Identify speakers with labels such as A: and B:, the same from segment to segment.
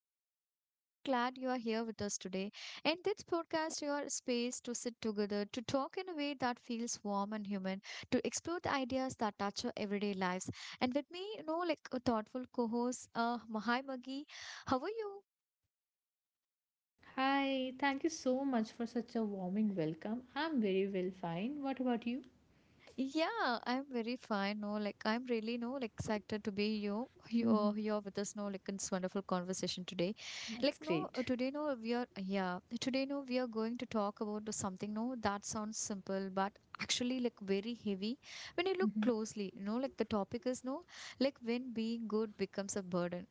A: host. I'm so glad you are here with us today. In this podcast, you are a space to sit together, to talk in a way that feels warm and human, to explore the ideas that touch our everyday lives. And with me, you know, like a thoughtful co-host, Mahai Magi. How are you?
B: Hi, thank you so much for such a warming welcome. I'm very well, fine. What about you?
A: Yeah, I'm very fine. No, like I'm really no like excited to be you
B: hmm
A: you here with us. No, like in this wonderful conversation today. Like
B: That's
A: no,
B: great.
A: today no we are going to talk about the something no that sounds simple but actually like very heavy when you look closely. You know, like the topic is no like when being good becomes a burden,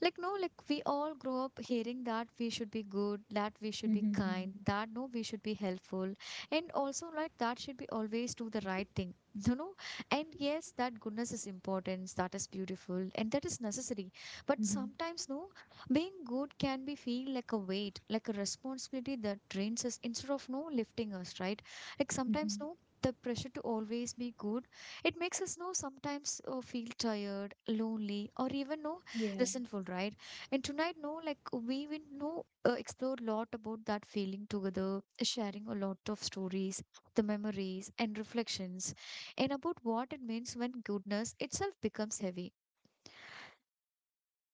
A: like no like we all grow up hearing that we should be good, that we should be
B: hmm
A: kind, that no we should be helpful, and also like that should be always do the right thing you know, and yes that goodness is important, that is beautiful and that is necessary, but
B: hmm
A: sometimes no being good can be feel like a weight, like a responsibility that drains us instead of no lifting us, right? Like sometimes
B: hmm
A: no the pressure to always be good, it makes us know sometimes feel tired, lonely, or even no
B: Yeah.
A: Listenful, right? And tonight, no, like we will know, explore a lot about that feeling together, sharing a lot of stories, the memories and reflections, and about what it means when goodness itself becomes heavy.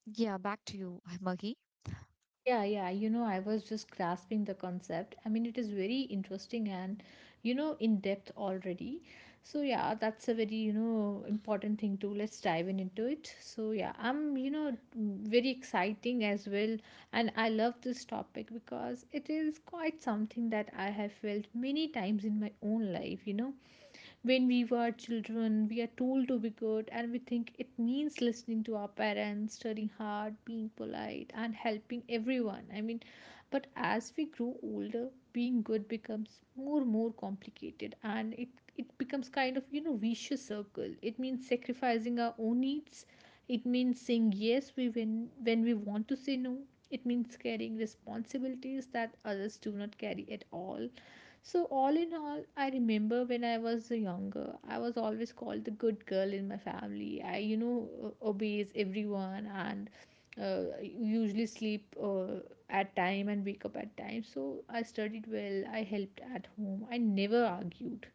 A: Yeah, back to you, Maggie.
B: Yeah, yeah, I was just grasping the concept. I mean, it is very interesting and, in depth already. So, yeah, that's a very, important thing too. Let's dive in into it. So, yeah, I'm, very exciting as well. And I love this topic because it is quite something that I have felt many times in my own life when we were children we are told to be good, and we think it means listening to our parents, studying hard, being polite, and helping everyone. I mean, but as we grow older, being good becomes more and more complicated, and it becomes kind of, vicious circle. It means sacrificing our own needs, it means saying yes we when we want to say no, it means carrying responsibilities that others do not carry at all. So, all in all, I remember when I was younger, I was always called the good girl in my family. I, obeys everyone and usually sleep at time and wake up at time. So, I studied well, I helped at home, I never argued.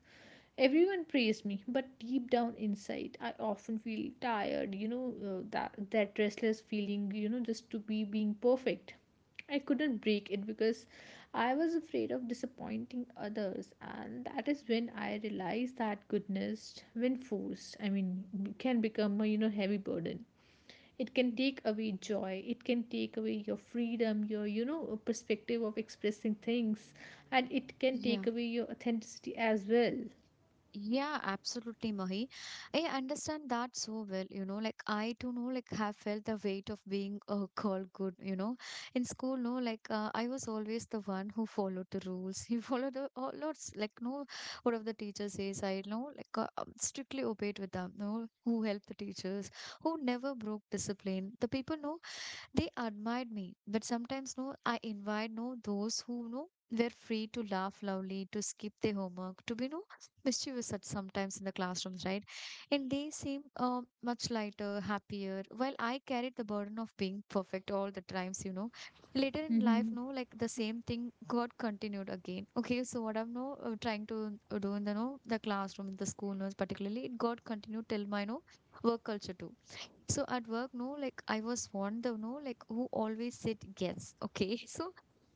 B: Everyone praised me, but deep down inside, I often feel tired, that, restless feeling, just to be being perfect. I couldn't break it because I was afraid of disappointing others, and that is when I realized that goodness, when forced, I mean, can become a heavy burden. It can take away joy. It can take away your freedom, your perspective of expressing things, and it can
A: Yeah.
B: take away your authenticity as well.
A: Yeah, absolutely, Mahi. I understand that so well, you know, like I too know, like have felt the weight of being called good, you know. In school, no, like I was always the one who followed the rules. You followed the all lots, like no, what of the teacher says, I know, like strictly obeyed with them, no, who helped the teachers, who never broke discipline. The people, no, they admired me, but sometimes no, I invite no those who no were free to laugh loudly, to skip their homework, to be no mischievous at sometimes in the classrooms, right? And they seem much lighter, happier, while I carried the burden of being perfect all the times, you know. Later in life,
B: Mm-hmm.
A: no, like the same thing got continued again. Okay, so what I'm no trying to do in the no the classroom, in the school, no, particularly, it got continued till my no work culture too. So at work, no, like I was one the no, like who always said yes. Okay. So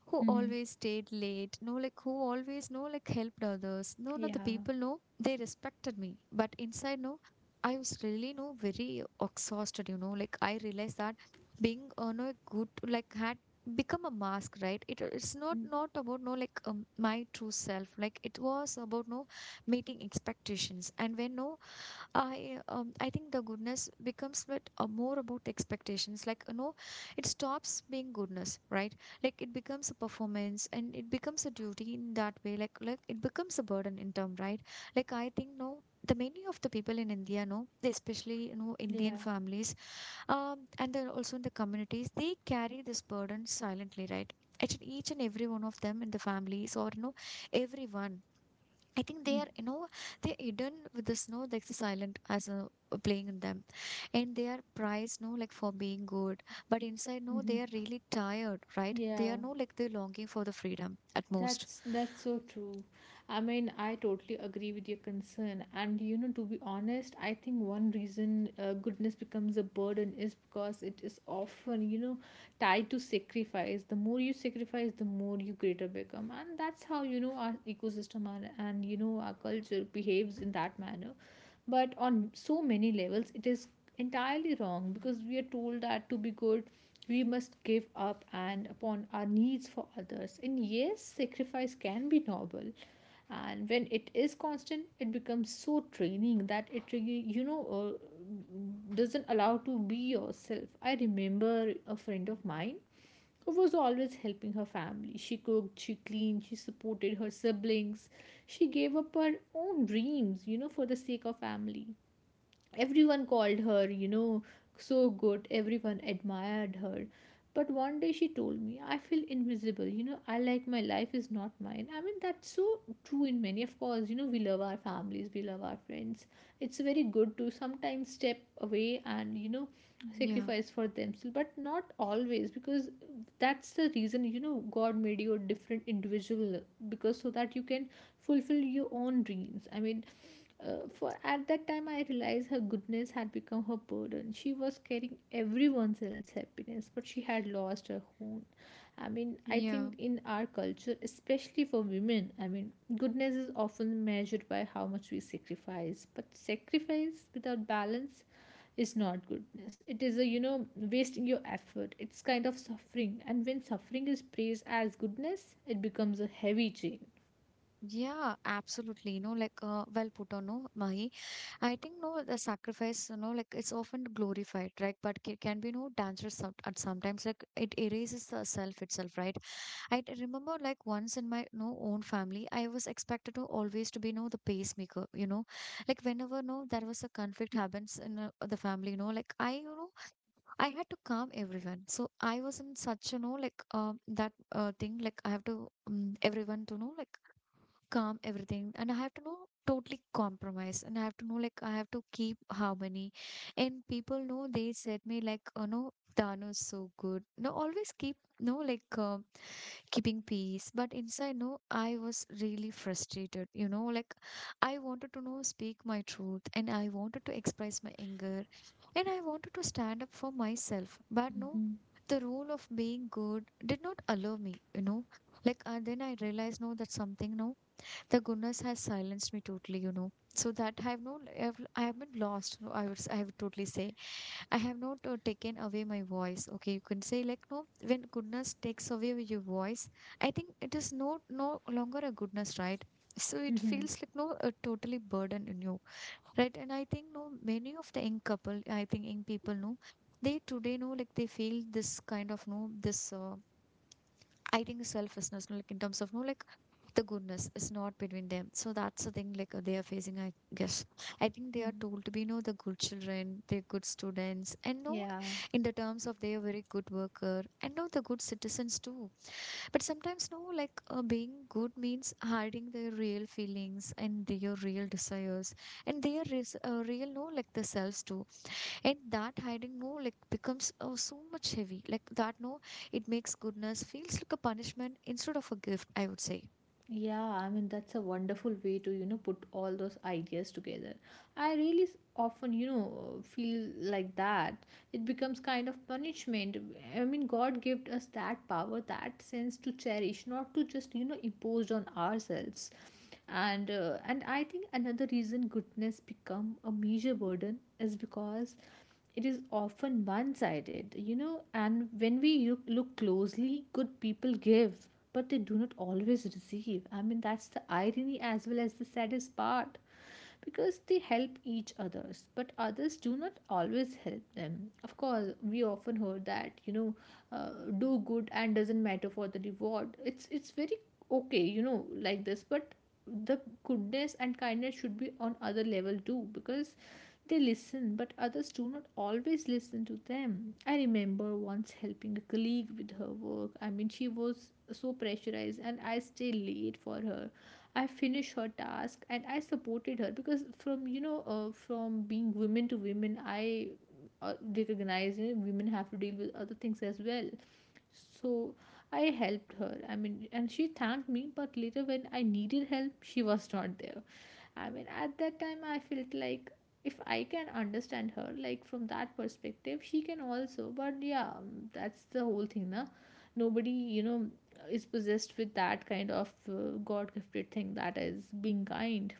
A: who
B: Mm-hmm.
A: always stayed late, no, like who always no, like helped others. No, no, the
B: Yeah.
A: people no, they respected me. But inside, no, I was really no very exhausted, you know. Like I realized that being no good like had become a mask, right? It's not
B: Mm.
A: not about no like my true self. Like it was about no meeting expectations. And when no I I think the goodness becomes but more about expectations. Like you know, it stops being goodness, right? Like it becomes a performance and it becomes a duty in that way. Like it becomes a burden in term, right? Like I think no, the many of the people in India, no, they especially you know Indian
B: Yeah.
A: families, and then also in the communities, they carry this burden silently, right? Each and every one of them in the families or you know everyone, I think they are, you know, they're hidden with the snow, like the silent as a playing in them. And they are prized, no, like for being good. But inside, no,
B: Mm-hmm.
A: they are really tired, right? They are
B: Yeah.
A: no, like they're longing for the freedom at most.
B: That's so true. I mean, I totally agree with your concern. And, you know, to be honest, I think one reason goodness becomes a burden is because it is often, you know, tied to sacrifice. The more you sacrifice, the more you greater become. And that's how, you know, our ecosystem and, you know, our culture behaves in that manner. But on so many levels, it is entirely wrong because we are told that to be good we must give up and upon our needs for others, and yes, sacrifice can be noble, and when it is constant it becomes so draining that it really, doesn't allow to be yourself. I remember a friend of mine who was always helping her family. She cooked, she cleaned, she supported her siblings, she gave up her own dreams, you know, for the sake of family. Everyone called her, so good, everyone admired her. But one day she told me, "I feel invisible, you know, I like my life is not mine." I mean, that's so true in many. Of course, you know, we love our families, we love our friends. It's very good to sometimes step away and, you know,
A: Yeah,
B: sacrifice for themselves, but not always, because that's the reason, you know, God made you a different individual because so that you can fulfill your own dreams. I mean, for at that time I realized her goodness had become her burden. She was carrying everyone else's happiness, but she had lost her own. I mean, I
A: yeah,
B: think in our culture, especially for women, I mean, goodness is often measured by how much we sacrifice, but sacrifice without balance is not goodness. It is a, you know, wasting your effort, it's kind of suffering, and when suffering is praised as goodness, it becomes a heavy chain.
A: yeah, absolutely. No, like well put on, no, Mahi. I think no, the sacrifice, you know, like it's often glorified, right? But it can be no dangerous at sometimes. Like it erases the self itself, right? Remember like once in my no own family, I was expected to always to be no the pacemaker, you know, like whenever no there was a conflict happens in the family, you know, like I you know I had to calm everyone. So I was in such you know like that thing like I have to everyone to know like calm everything, and I have to know totally compromise, and I have to know like I have to keep harmony, and people know they said me like you know Dano is so good. No, always keep no like. Keeping peace, but inside no I was really frustrated, you know, like I wanted to know speak my truth, and I wanted to express my anger, and I wanted to stand up for myself, but no
B: mm-hmm.
A: the rule of being good did not allow me, you know, like. And then I realized no that something no the goodness has silenced me totally, you know, so that I have been lost no. I would totally say I have not taken away my voice. Okay, you can say like no. When goodness takes away with your voice, I think it is no no longer a goodness, right? So it
B: Mm-hmm.
A: feels like no a totally burden in you, right? And I think no many of the young couple, I think young people know they today know like they feel this kind of no this I think selflessness, no, like in terms of no, like the goodness is not between them. So that's the thing, like they are facing. I guess I think they are
B: Mm-hmm.
A: told to be, no, the good children, they're good students, and no,
B: yeah
A: in the terms of they are very good worker, and no, the good citizens too. But sometimes no, like being good means hiding their real feelings and their real desires and their real no, like the selves too, and that hiding no like becomes so much heavy like that no it makes goodness feels like a punishment instead of a gift, I would say.
B: Yeah, I mean, that's a wonderful way to, you know, put all those ideas together. I really often, you know, feel like that. It becomes kind of punishment. I mean, God gave us that power, that sense to cherish, not to just, you know, impose on ourselves. And I think another reason goodness become a major burden is because it is often one sided, you know, and when we look closely, good people give but they do not always receive. I mean, that's the irony as well as the saddest part, because they help each others but others do not always help them. Of course, we often heard that, you know, uh, do good and doesn't matter for the reward. It's very okay, you know, like this, but the goodness and kindness should be on other level too, because they listen, but others do not always listen to them. I remember once helping a colleague with her work. I mean, she was so pressurized, and I stayed late for her. I finished her task and I supported her because from, from being women to women, I uh, recognize, you know, women have to deal with other things as well. So I helped her. I mean, and she thanked me, but later when I needed help, she was not there. I mean, at that time, I felt like if I can understand her, like from that perspective, she can also. But yeah, that's the whole thing, na. Nobody, you know, is possessed with that kind of God gifted thing that is being kind.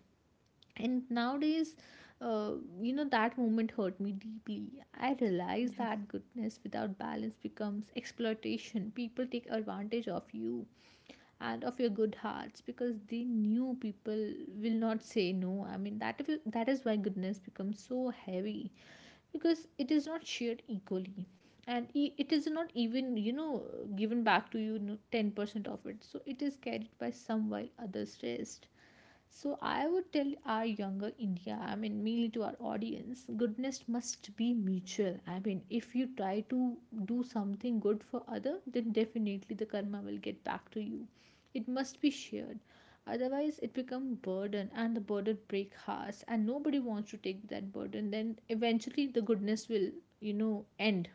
B: And nowadays, uh, you know, that moment hurt me deeply. I realized that goodness without balance becomes exploitation. People take advantage of you and of your good hearts, because the new people will not say no. I mean, that if that is why goodness becomes so heavy, because it is not shared equally, and it is not even, you know, given back to you, you know, 10% of it, so it is carried by some while others rest. So I would tell our younger India, I mean mainly to our audience, goodness must be mutual. I mean, if you try to do something good for other, then definitely the karma will get back to you. It must be shared. Otherwise it become burden, and the burden break hearts, and nobody wants to take that burden. Then eventually the goodness will, you know, end.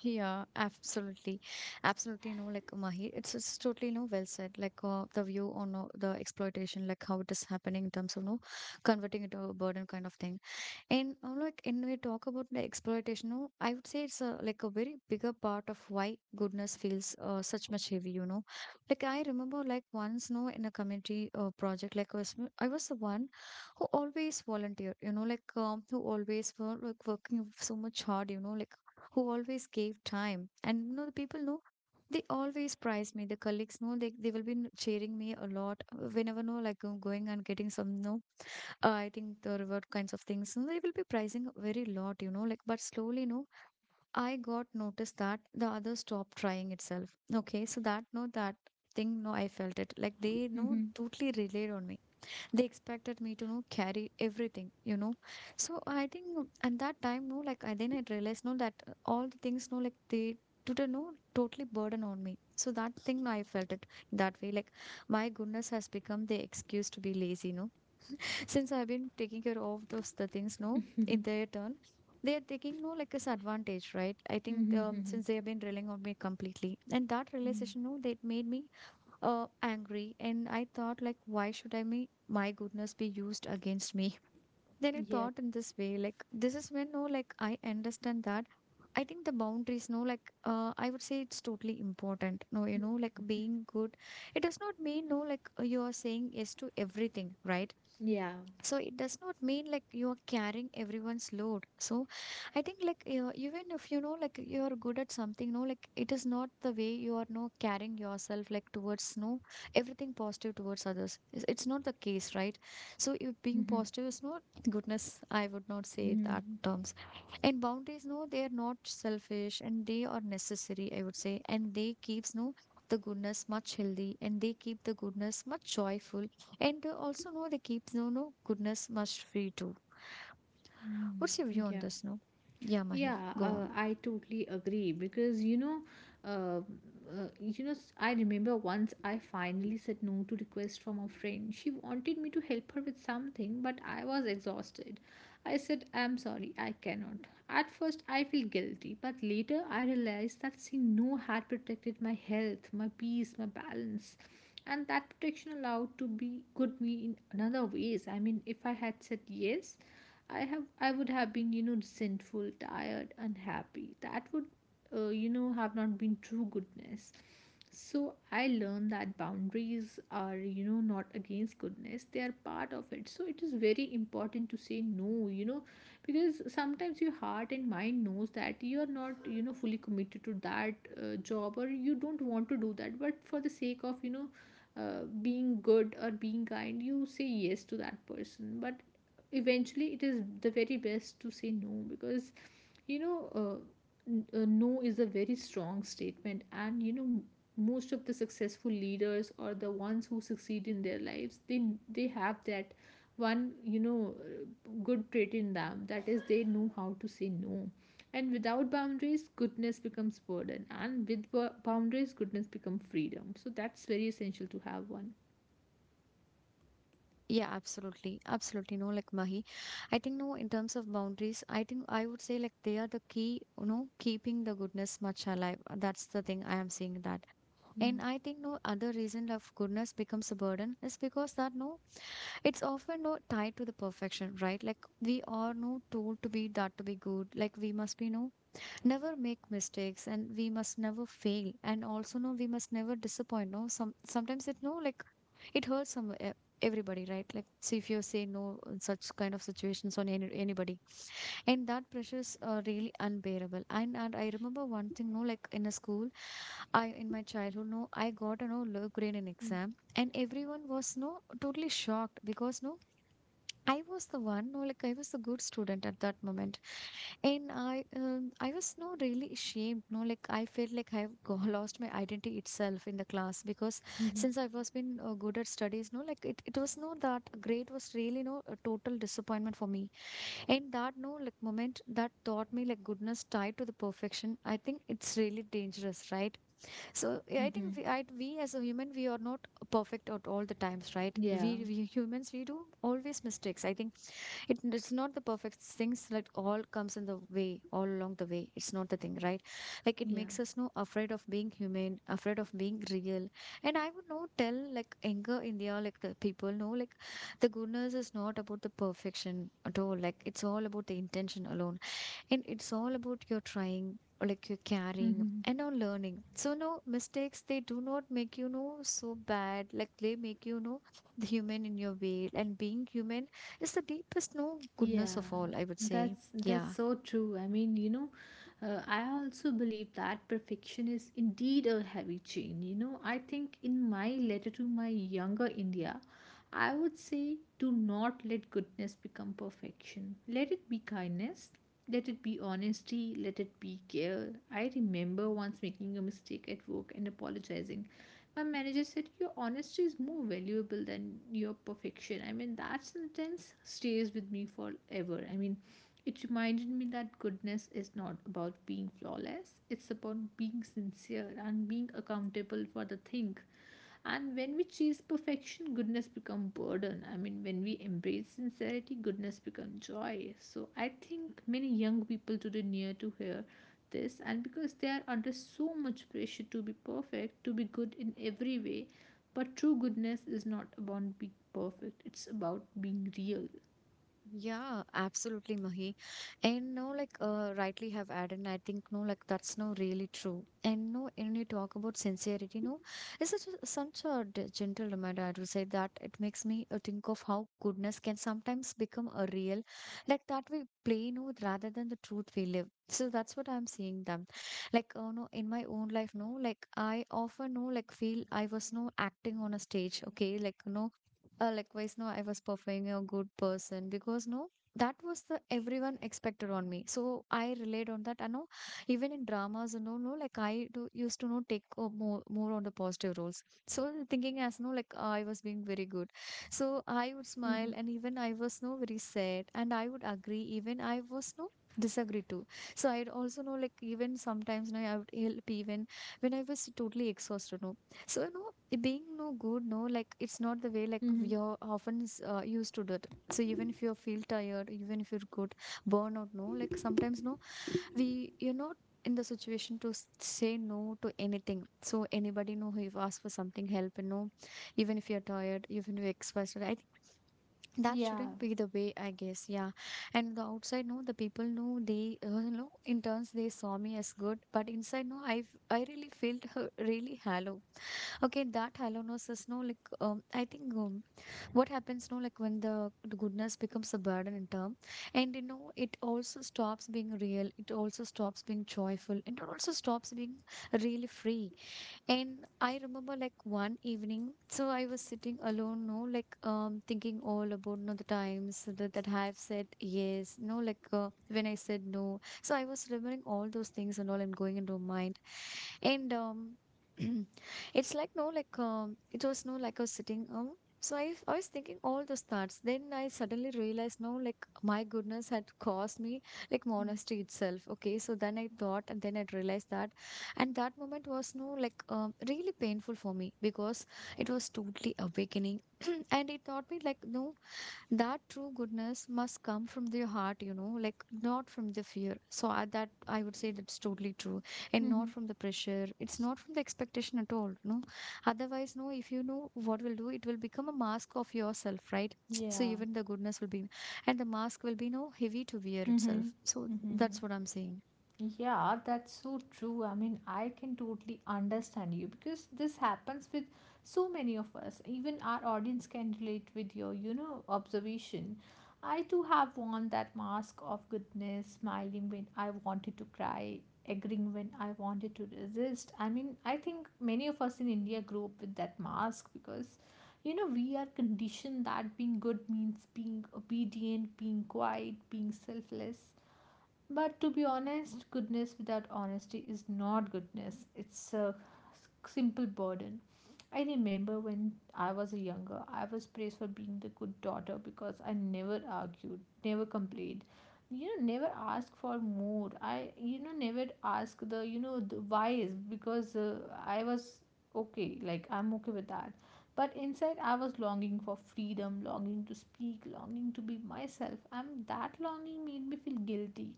A: Yeah, absolutely. Absolutely no, like Mahi. It's totally no well said. Like the view on the exploitation, like how it is happening in terms of no converting it to a burden kind of thing. And like when we talk about the exploitation, no, I would say it's a, like a very bigger part of why goodness feels such much heavy. You know, like I remember like once, no, in a community project, like I was the one who always volunteered. You know, like who always were like working so much hard. You know, like who always gave time, and you know the people know. They always prize me. The colleagues know they will be cheering me a lot whenever no like I'm going and getting some no I think there were kinds of things, and they will be pricing very lot, you know. Like, but slowly, no, I got noticed that the others stopped trying itself. Okay, so that no, that thing, no, I felt it. Like they no
B: Mm-hmm.
A: totally relied on me. They expected me to no carry everything, you know. So I think no, at that time, no, like I then I realized no that all the things, no, like they today no totally burden on me. So that thing, no, I felt it that way. Like my goodness has become the excuse to be lazy, no since I've been taking care of those the things, no, in their turn, they are taking no like this advantage, right? I think
B: Mm-hmm.
A: since they have been relying on me completely, and that
B: Mm-hmm.
A: realization, no, that made me angry, and I thought like, why should I me my goodness be used against me? Then I
B: Yeah.
A: thought in this way, like this is when no, like I understand that. I think the boundaries, no, like I would say it's totally important. No, you know, like being good, it does not mean no, like you are saying yes to everything, right?
B: Yeah.
A: So it does not mean like you are carrying everyone's load. So I think like you, even if you know like you are good at something, no, like it is not the way you are no carrying yourself like towards no everything positive towards others. It's not the case, right? So if being positive is not goodness, I would not say that
B: Mm-hmm.
A: terms. And boundaries, no, they are not selfish and they are necessary, I would say, and they keeps no the goodness much healthy, and they keep the goodness much joyful. And also no, they keeps no goodness much free too. What's your view on
B: Yeah.
A: this, no? Yeah, Mahi,
B: Yeah,
A: go on.
B: I totally agree because, uh, you know, I remember once I finally said no to request from a friend. She wanted me to help her with something, but I was exhausted. I said, "I'm sorry, I cannot." At first, I feel guilty, but later I realized that saying no had protected my health, my peace, my balance, and that protection allowed to be good me in another ways. I mean, if I had said yes, I would have been, you know, resentful, tired, unhappy. That would, you know, have not been true goodness. So I learned that boundaries are, you know, not against goodness; they are part of it. So it is very important to say no. You know, because sometimes your heart and mind knows that you are not, you know, fully committed to that job, or you don't want to do that, but for the sake of, you know, being good or being kind, you say yes to that person, but eventually it is the very best to say no, because, you know uh, no is a very strong statement, and, you know, most of the successful leaders or the ones who succeed in their lives, they have that one, good trait in them, that is they know how to say no. And without boundaries, goodness becomes burden, and with boundaries, goodness becomes freedom. So that's very essential to have one.
A: Yeah, absolutely, absolutely, no, like Mahi. I think no, in terms of boundaries, I think I would say like they are the key, you know, keeping the goodness much alive. That's the thing I am seeing that. And
B: Mm,
A: I think no, other reason of goodness becomes a burden is because that no, it's often no tied to the perfection, right? Like we are no told to be that, to be good like we must be no, never make mistakes, and we must never fail, and also no, we must never disappoint, no. Sometimes it no like it hurts everybody, right? Like, so if you say no in such kind of situations on anybody, and that pressures are really unbearable. And I remember one thing, no, like in a school, I in my childhood, no, I got a no low grade in
B: mm,
A: exam, and everyone was no totally shocked because no, I was the one, no, like I was a good student at that moment. And I was no really ashamed, no, like I felt like lost my identity itself in the class, because
B: mhm,
A: since I was been good at studies, no, like it was no, that grade was really no a total disappointment for me. And that no like moment, that taught me like goodness tied to the perfection, I think it's really dangerous, right? So yeah, I
B: mhm.
A: think we as a human, we are not perfect at all the times, right?
B: yeah
A: We humans, we do always mistakes. I think it's not the perfect things that all comes in the way, all along the way it's not the thing, right? Like it
B: yeah
A: makes us no afraid of being human, afraid of being real. And I would no tell like younger India, like the people know like the goodness is not about the perfection at all, like it's all about the intention alone, and it's all about your trying or like your caring
B: hmm
A: and on learning. So no, mistakes they do not make you know so bad, like they make you know the human in your way, and being human is the deepest no goodness
B: Yeah,
A: of all, I would say.
B: that's
A: Yeah.
B: so true. I mean, you know, I also believe that perfection is indeed a heavy chain. You know, I think in my letter to my younger India, I would say do not let goodness become perfection. Let it be kindness. Let it be honesty. Let it be care. I remember once making a mistake at work and apologizing, my manager said, "Your honesty is more valuable than your perfection." I mean, that sentence stays with me forever. I mean, it reminded me that goodness is not about being flawless, it's about being sincere and being accountable for the thing. And when we chase perfection, goodness become burden. I mean, when we embrace sincerity, goodness become joy. So I think many young people today need to hear this, and because they are under so much pressure to be perfect, to be good in every way, but true goodness is not about being perfect, it's about being real.
A: Yeah, absolutely, Mahi. And no, like rightly have added, and I think no, like that's no really true. And no, when you talk about sincerity, no, it's such a gentle reminder, I would say. That it makes me think of how goodness can sometimes become a real, like that we play no rather than the truth we live. So that's what I'm seeing them. Like, oh no, in my own life, no, like I often no, like feel I was no acting on a stage, okay, like no, likewise no, I was performing a good person because no, that was the everyone expected on me, so I relied on that, I know. Even in dramas, you know, no, like I do used to know take more on the positive roles, so thinking as no, like I was being very good. So I would
B: Mm-hmm.
A: smile and even I was no very sad, and I would agree even I was no disagree too. So I'd also know like even sometimes no, I would help even when I was totally exhausted, no. So, you know, it being no good, no, like it's not the way like
B: Mm-hmm.
A: you're often used to do it. So even if you feel tired, even if you're good, burnout, no, like sometimes no, we you're not in the situation to say no to anything. So anybody know who you've asked for something help, and no, even if you're tired, even if you're exhausted, I think that
B: Yeah.
A: shouldn't be the way, I guess. Yeah. And the outside no, the people know they you know, in turns they saw me as good, but inside no, I really felt really hollow. Okay, that hollowness is no like I think what happens no like when the goodness becomes a burden in term. And you know, it also stops being real, it also stops being joyful, and it also stops being really free. And I remember like one evening, so I was sitting alone, no like um, thinking all about no the times that I've said yes, no like when I said no. So I was remembering all those things and all, and going into my mind, and um, it's like no like um, it was no like I was sitting um, so I was thinking all those thoughts, then I suddenly realized no, like my goodness had caused me like monastery itself, okay. So then I thought, and then I realized that. And that moment was no like really painful for me, because it was totally awakening. And it taught me like no, that true goodness must come from their heart, you know, like not from the fear. So that I would say that's totally true. And not
B: Mm-hmm.
A: from the pressure, it's not from the expectation at all, no. Otherwise no, if you know what will do, it will become a mask of yourself, right? So
B: Yeah.
A: even the goodness will be, and the mask will be no heavy to wear
B: Mm-hmm.
A: itself. So
B: Mm-hmm.
A: that's what I'm saying.
B: Yeah, that's so true. I mean, I can totally understand you because this happens with so many of us. Even our audience can relate with your, observation. I too have worn that mask of goodness, smiling when I wanted to cry, agreeing when I wanted to resist. I mean, I think many of us in India grew up with that mask because, we are conditioned that being good means being obedient, being quiet, being selfless but to be honest, goodness without honesty is not goodness. It's a simple burden. I remember when I was younger, I was praised for being the good daughter because I never argued, never complained, never asked for more. I, never asked the, the why is because I was okay, like I'm okay with that. But inside, I was longing for freedom, longing to speak, longing to be myself. And that longing made me feel guilty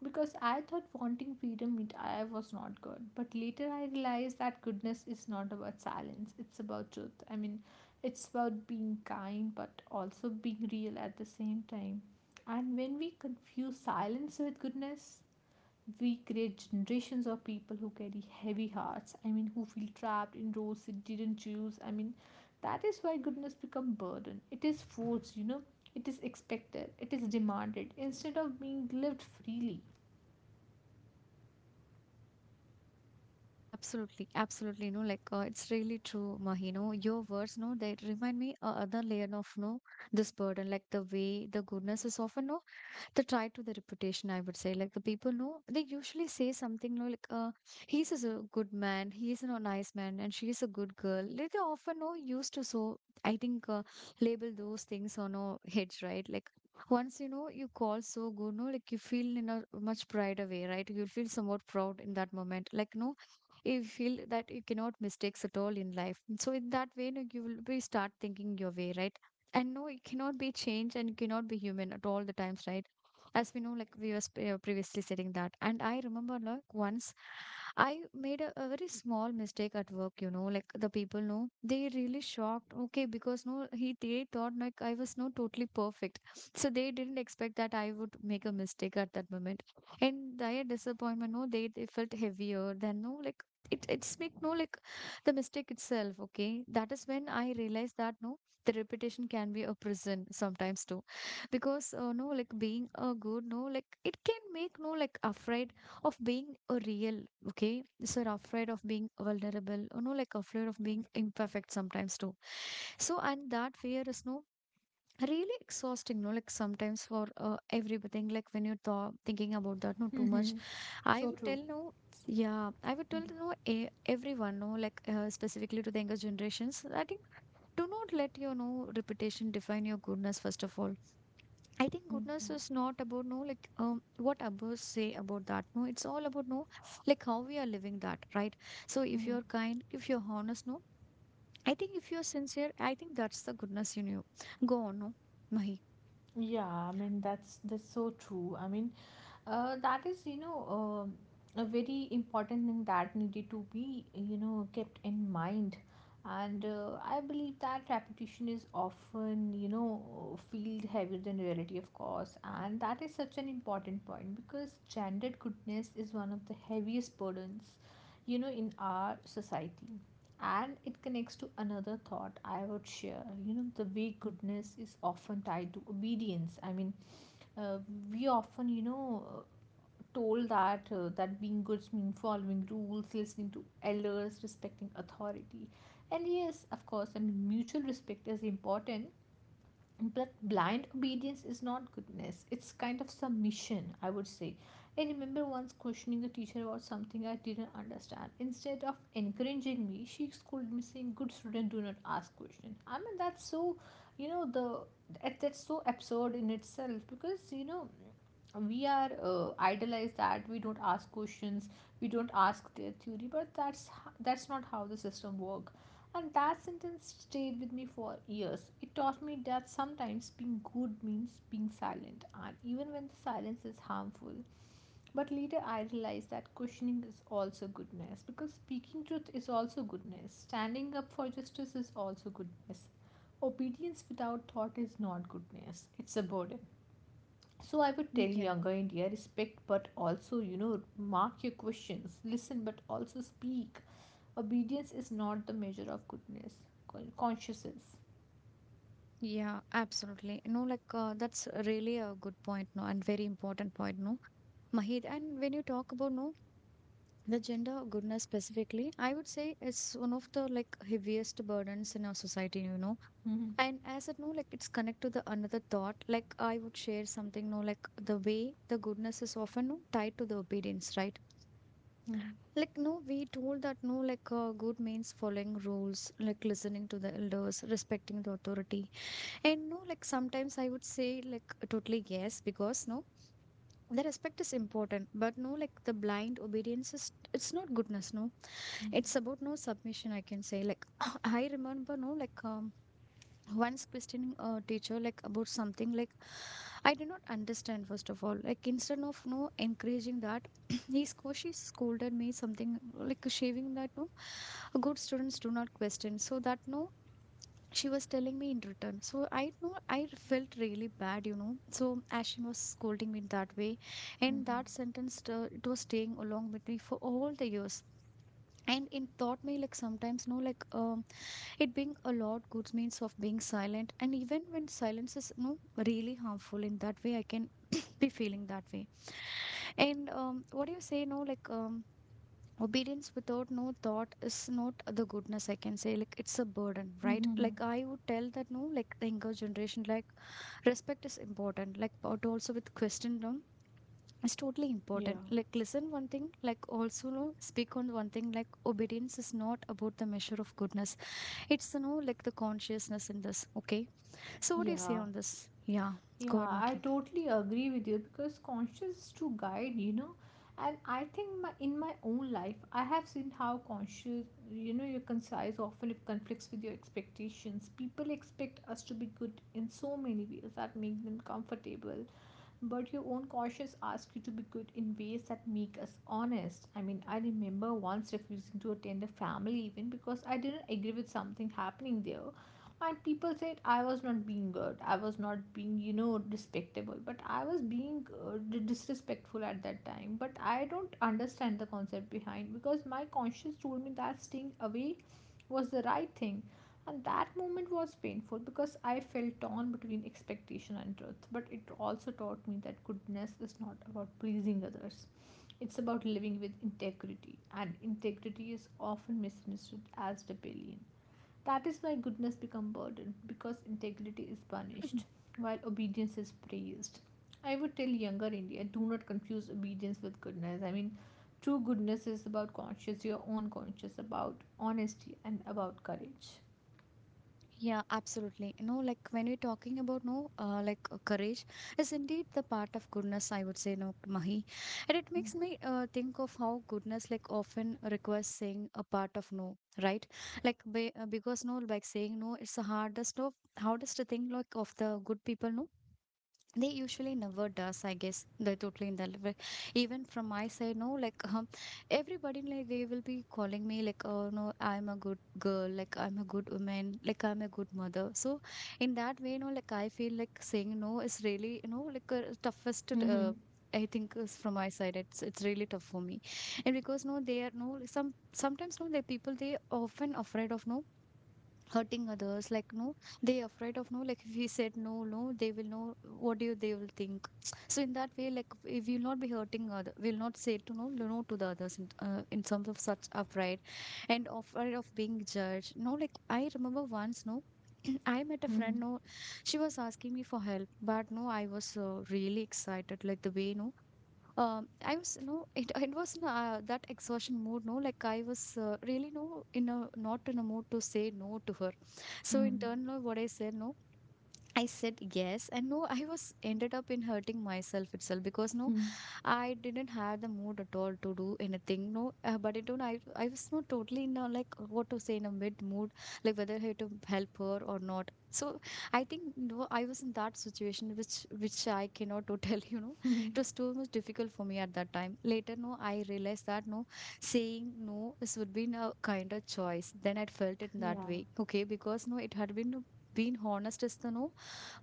B: because I thought wanting freedom meant I was not good. But later I realized that goodness is not about silence, it's about truth. I mean, it's about being kind but also being real at the same time. And when we confuse silence with goodness, we create generations of people who carry heavy hearts. I mean, who feel trapped in roles they didn't choose. I mean, that is why goodness become burden. It is forced, It is expected. It is demanded instead of being lived freely.
A: Yeah, absolutely, absolutely no, like it's really true, Mahi. No, your words no, they remind me a other layer of no this burden, like the way the goodness is often no the try to the reputation, I would say. Like the people know, they usually say something no, like he's is a good man, he is a nice man, and she is a good girl, like they often know used to. So I think label those things on our heads, right? Like once you know you call so good, no, like you feel in a much brighter way, right? You feel somewhat proud in that moment, like no, you feel that you cannot mistakes at all in life. So in that way no, you will be start thinking your way, right? And no, you cannot be changed, and you cannot be human at all the times, right? As we know, like we was previously saying that. And I remember like once I made a very small mistake at work, you know, like the people know they really shocked. Okay, because no, he they thought like I was not totally perfect, so they didn't expect that I would make a mistake at that moment. And their disappointment, no, they felt heavier than no, like it's make no like the mistake itself. Okay, that is when I realized that no, the repetition can be a prison sometimes too. Because no, like being a good, no, like it can make no like afraid of being a real, okay? So they're afraid of being vulnerable, you know, like afraid of being imperfect sometimes too. So, and that fear is no really exhausting, no, like sometimes for everything, like when you're thinking about that, no, too much.
B: Mm-hmm.
A: I
B: So
A: would
B: true.
A: tell no, yeah, I would
B: Mm.
A: tell no, a everyone, no, like specifically to the younger generations, I think do not let your no reputation define your goodness, first of all. I think goodness
B: Yeah.
A: is not about no like um, what others say about that. No, it's all about no like how we are living that, right? So if
B: Mm-hmm.
A: you're kind, if you're honest, no, I think if you're sincere, I think that's the goodness in you. Go on, no, Mahi.
B: Yeah, I mean that's so true. I mean, that is, you know, a very important thing that needed to be, you know, kept in mind. And I believe that repetition is often, you know, feel heavier than reality, of course. And that is such an important point because gendered goodness is one of the heaviest burdens, you know, in our society. And it connects to another thought I would share. You know, the way
A: Mm.
B: goodness is often tied to obedience. I mean, uh, we often you know told that that being good means following rules, listening to elders, respecting authority. And yes, of course, I mean mutual respect is important, but blind obedience is not goodness. It's kind of submission, I would say. I remember once questioning a teacher about something I didn't understand. Instead of encouraging me, she scolded me saying, "Good student, do not ask question." I mean that's so, you know, the that's so absurd in itself because you know we are idolized that we don't ask questions we don't ask their theory but that's not how the system work and that sentence stayed with me for years. It taught me that sometimes being good means being silent and even when the silence is harmful but later I realized that questioning is also goodness because speaking truth is also goodness, standing up for justice is also goodness. Obedience without thought is not goodness, it's a burden. So I would tell
A: Yeah,
B: younger India respect, but also, you know, mark your questions, listen, but also speak. Obedience is not the measure of goodness, consciousness.
A: yeah, absolutely. No, like that's really a good point, no, and very important point, no, Mahid. And when you talk about no the gender goodness specifically, I would say it's one of the like heaviest burdens in our society, you know.
B: Mhm.
A: And as it no, like it's connect to the another thought. Like I would share something, no, like the way the goodness is often no, tied to the obedience, right?
B: Mhm.
A: Like no, we told that no, like good means following rules, like listening to the elders, respecting the authority. And no, like sometimes I would say like totally yes, because no, the respect is important, but no, like the blind obedience is it's not goodness, no,
B: Mhm.
A: it's about no submission. I can say like I remember no, like once questioning a teacher like about something like I do not understand first of all like instead of no encouraging that he's she scolded me something like shaving that no good students do not question so that no she was telling me in return so I know I felt really bad so as she was scolding me that way, and
B: Mhm.
A: that sentence it was staying along with me for all the years. And it taught me like sometimes no like it being a lot good means of being silent, and even when silence is no really harmful in that way, I can be feeling that way. And what do you say? No, like obedience without no thought is not the goodness. I can say like it's a burden,
B: Mhm.
A: right?
B: Mhm.
A: Like I would tell that no, like the younger generation, like respect is important. Like but also with question, no, it's totally
B: Yeah.
A: important. Like listen one thing, like also no speak on one thing. Like obedience is not about the measure of goodness, it's like the consciousness in this. Okay. So what do you say
B: Yeah.
A: on this? Yeah.
B: Yeah,
A: Go ahead,
B: I
A: Maki.
B: totally agree with you because conscience is to guide, you know. And I think my, in my own life, I have seen how conscious, you know, your concise often it conflicts with your expectations. People expect us to be good in so many ways that make them comfortable, but your own conscience asks you to be good in ways that make us honest. I mean, I remember once refusing to attend a family event because I didn't agree with something happening there. And people said I was not being good, I was not being, you know, respectable, but I was being disrespectful at that time. But I don't understand the concept behind because my conscience told me that staying away was the right thing and that moment was painful because I felt torn between expectation and truth. But it also taught me that goodness is not about pleasing others, it's about living with integrity. And integrity is often misunderstood as rebellion. That is why goodness becomes burden because integrity is punished while obedience is praised. I would tell younger India do not confuse obedience with goodness. I mean, true goodness is about conscious, your own conscious, about honesty, and about courage.
A: Yeah, absolutely. You know, like when we're talking about no, courage is indeed the part of goodness. I would say no, Mahi, and it
B: Hmm.
A: makes me think of how goodness like often requires saying a part of no, right? Like because no, like saying no, it's the hardest of hardest thing like of the good people no they usually never does I guess they totally in the level even from my side no like everybody like they will be calling me like oh no I'm a good girl like I'm a good woman like I'm a good mother. So in that way no, like I feel like saying no is really like a toughest
B: Hmm.
A: I think is from my side, it's really tough for me, and because no, they are no sometimes no the people they often afraid of no hurting others like no they afraid of no like if we said no no they will know what do you they will think. So in that way like if we will not be hurting other we will not say to no no no to the others in terms of such upright and afraid of being judged no like I remember once no I met a
B: Hmm.
A: friend, no, she was asking me for help, but no, I was really excited, like the way, no, I was no it was in that exhaustion mood no like I was really no in a not in a mood to say no to her. So in
B: Hmm.
A: turn no what I said no I said yes and no I was ended up in hurting myself itself because no I didn't have the mood at all to do anything. No, but it don't. I was not totally in a, like what to say in a mid mood, like whether I had to help her or not. So I think no, I was in that situation which I cannot to tell you know.
B: Hmm.
A: It was too much difficult for me at that time. Later, no, I realized that no, saying no this would be a kind of choice. Then I felt it in that
B: Yeah.
A: way. Okay, because no, it had been being honest is the no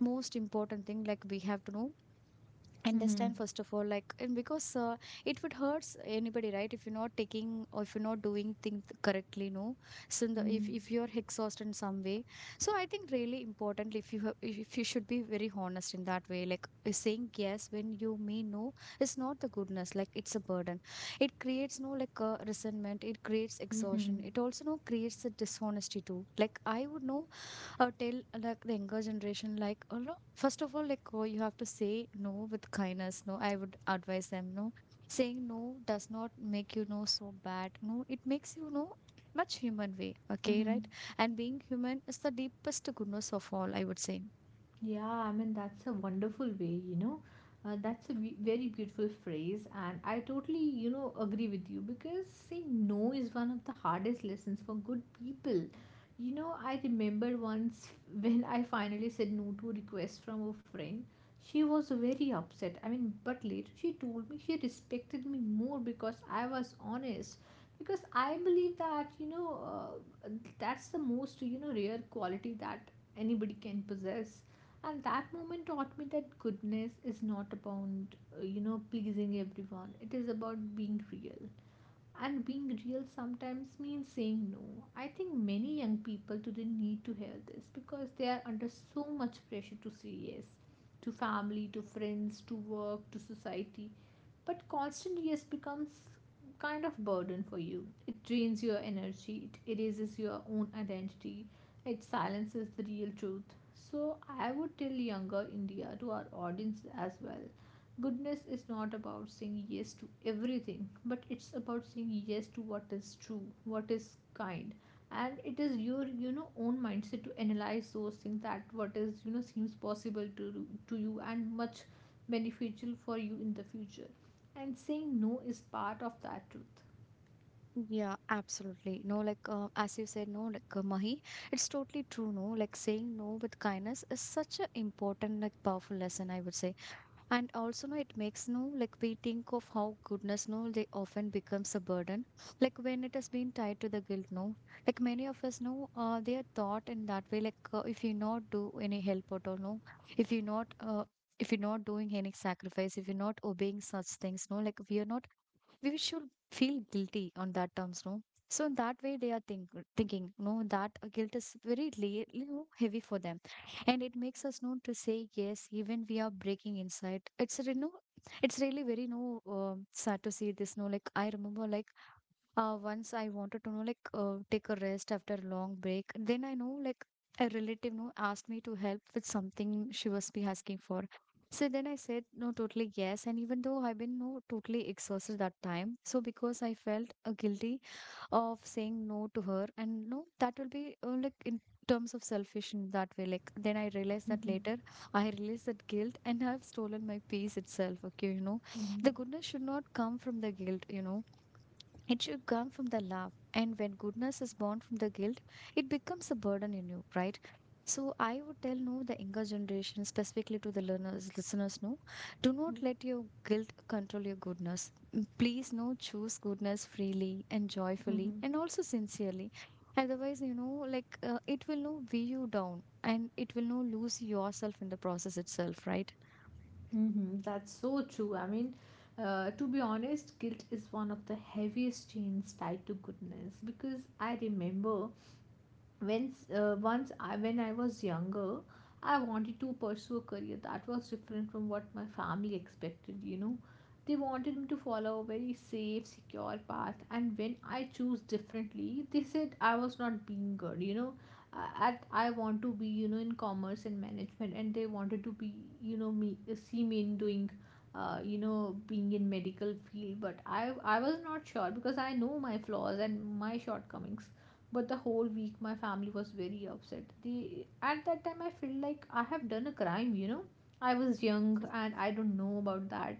A: most important thing like we have to know
B: Hmm.
A: understand first of all like and because it would hurts anybody right if you're not taking or if you're not doing things correctly no. So in the, if you're exhausted in some way, so I think really important if you have, if you should be very honest in that way like saying yes when you mean no is not the goodness like it's a burden. It creates no like resentment, it creates exhaustion,
B: Hmm.
A: it also no creates a dishonesty too. Like I would know or tell like the younger generation like or no first of all like oh, you have to say no with kindness no I would advise them no saying no does not make you know so bad no it makes you know much human way, okay,
B: Hmm.
A: right? And being human is the deepest goodness of all, I would say.
B: Yeah, I mean, that's a wonderful way, you know. That's a very beautiful phrase, and I totally, you know, agree with you because saying no is one of the hardest lessons for good people. You know, I remember once when I finally said no to a request from a friend, she was very upset. I mean, but later she told me she respected me more because I was honest. Because I believe that, uh, that's the most, you know, rare quality that anybody can possess and that moment taught me that goodness is not about you know pleasing everyone, it is about being real and being real sometimes means saying no. I think many young people today need to hear this because they are under so much pressure to say yes to family, to friends, to work, to society. But constant yes becomes kind of burden for you. It drains your energy, it erases your own identity, it silences the real truth. So I would tell younger India, to our audience as well, goodness is not about saying yes to everything, but it's about saying yes to what is true, what is kind, and it is your you know own mindset to analyze those things that what is you know seems possible to you and much beneficial for you in the future. And saying no is part of that truth.
A: Yeah, absolutely. No, like as you said, no, like Mahi, it's totally true. No, like saying no with kindness is such an important, like powerful lesson, I would say. And also, no, it makes no, like we think of how goodness, no, they often becomes a burden. Like when it has been tied to the guilt, no, like many of us know, they are taught in that way. Like if you not do any help at all, no, if you not, if you're not doing any sacrifice, if you're not obeying such things, no, like we are not we should feel guilty on that terms, no? So in that way, they are thinking, no, that guilt is very lea- heavy for them, and it makes us know to say yes, even we are breaking inside. It's you know, it's really very no sad to see this. No, like I remember, like once I wanted to know, like, take a rest after a long break. Then I know, like, a relative, no, asked me to help with something she was be asking for. So then I said, no, totally yes. And even though I've been, no, totally exhausted that time. So because I felt guilty of saying no to her, and no, that will be, like, in terms of selfish in that way. Like, then I realized that later, I realized that guilt and I've stolen my peace itself. Okay, you know, the goodness should not come from the guilt, you know it should come from the love. And when goodness is born from the guilt, it becomes a burden in you, right? So I would tell no the younger generation, specifically to the learners, listeners, no, do not let your guilt control your goodness. Mm, please no choose goodness freely and joyfully and also sincerely. Otherwise, you know, like it will no weigh you down and it will no lose yourself in the process itself, right?
B: Mm-hmm. That's so true. I mean, to be honest, guilt is one of the heaviest chains tied to goodness because I remember when when I was younger, I wanted to pursue a career that was different from what my family expected. You know, they wanted me to follow a very safe, secure path, and when I choose differently, they said I was not being good. You know, at I want to be you know in commerce and management, and they wanted to be you know me see me in doing. You know, being in medical field but I was not sure because I know my flaws and my shortcomings but the whole week my family was very upset. They at that time I felt like I have done a crime, you know, I was young and I don't know about that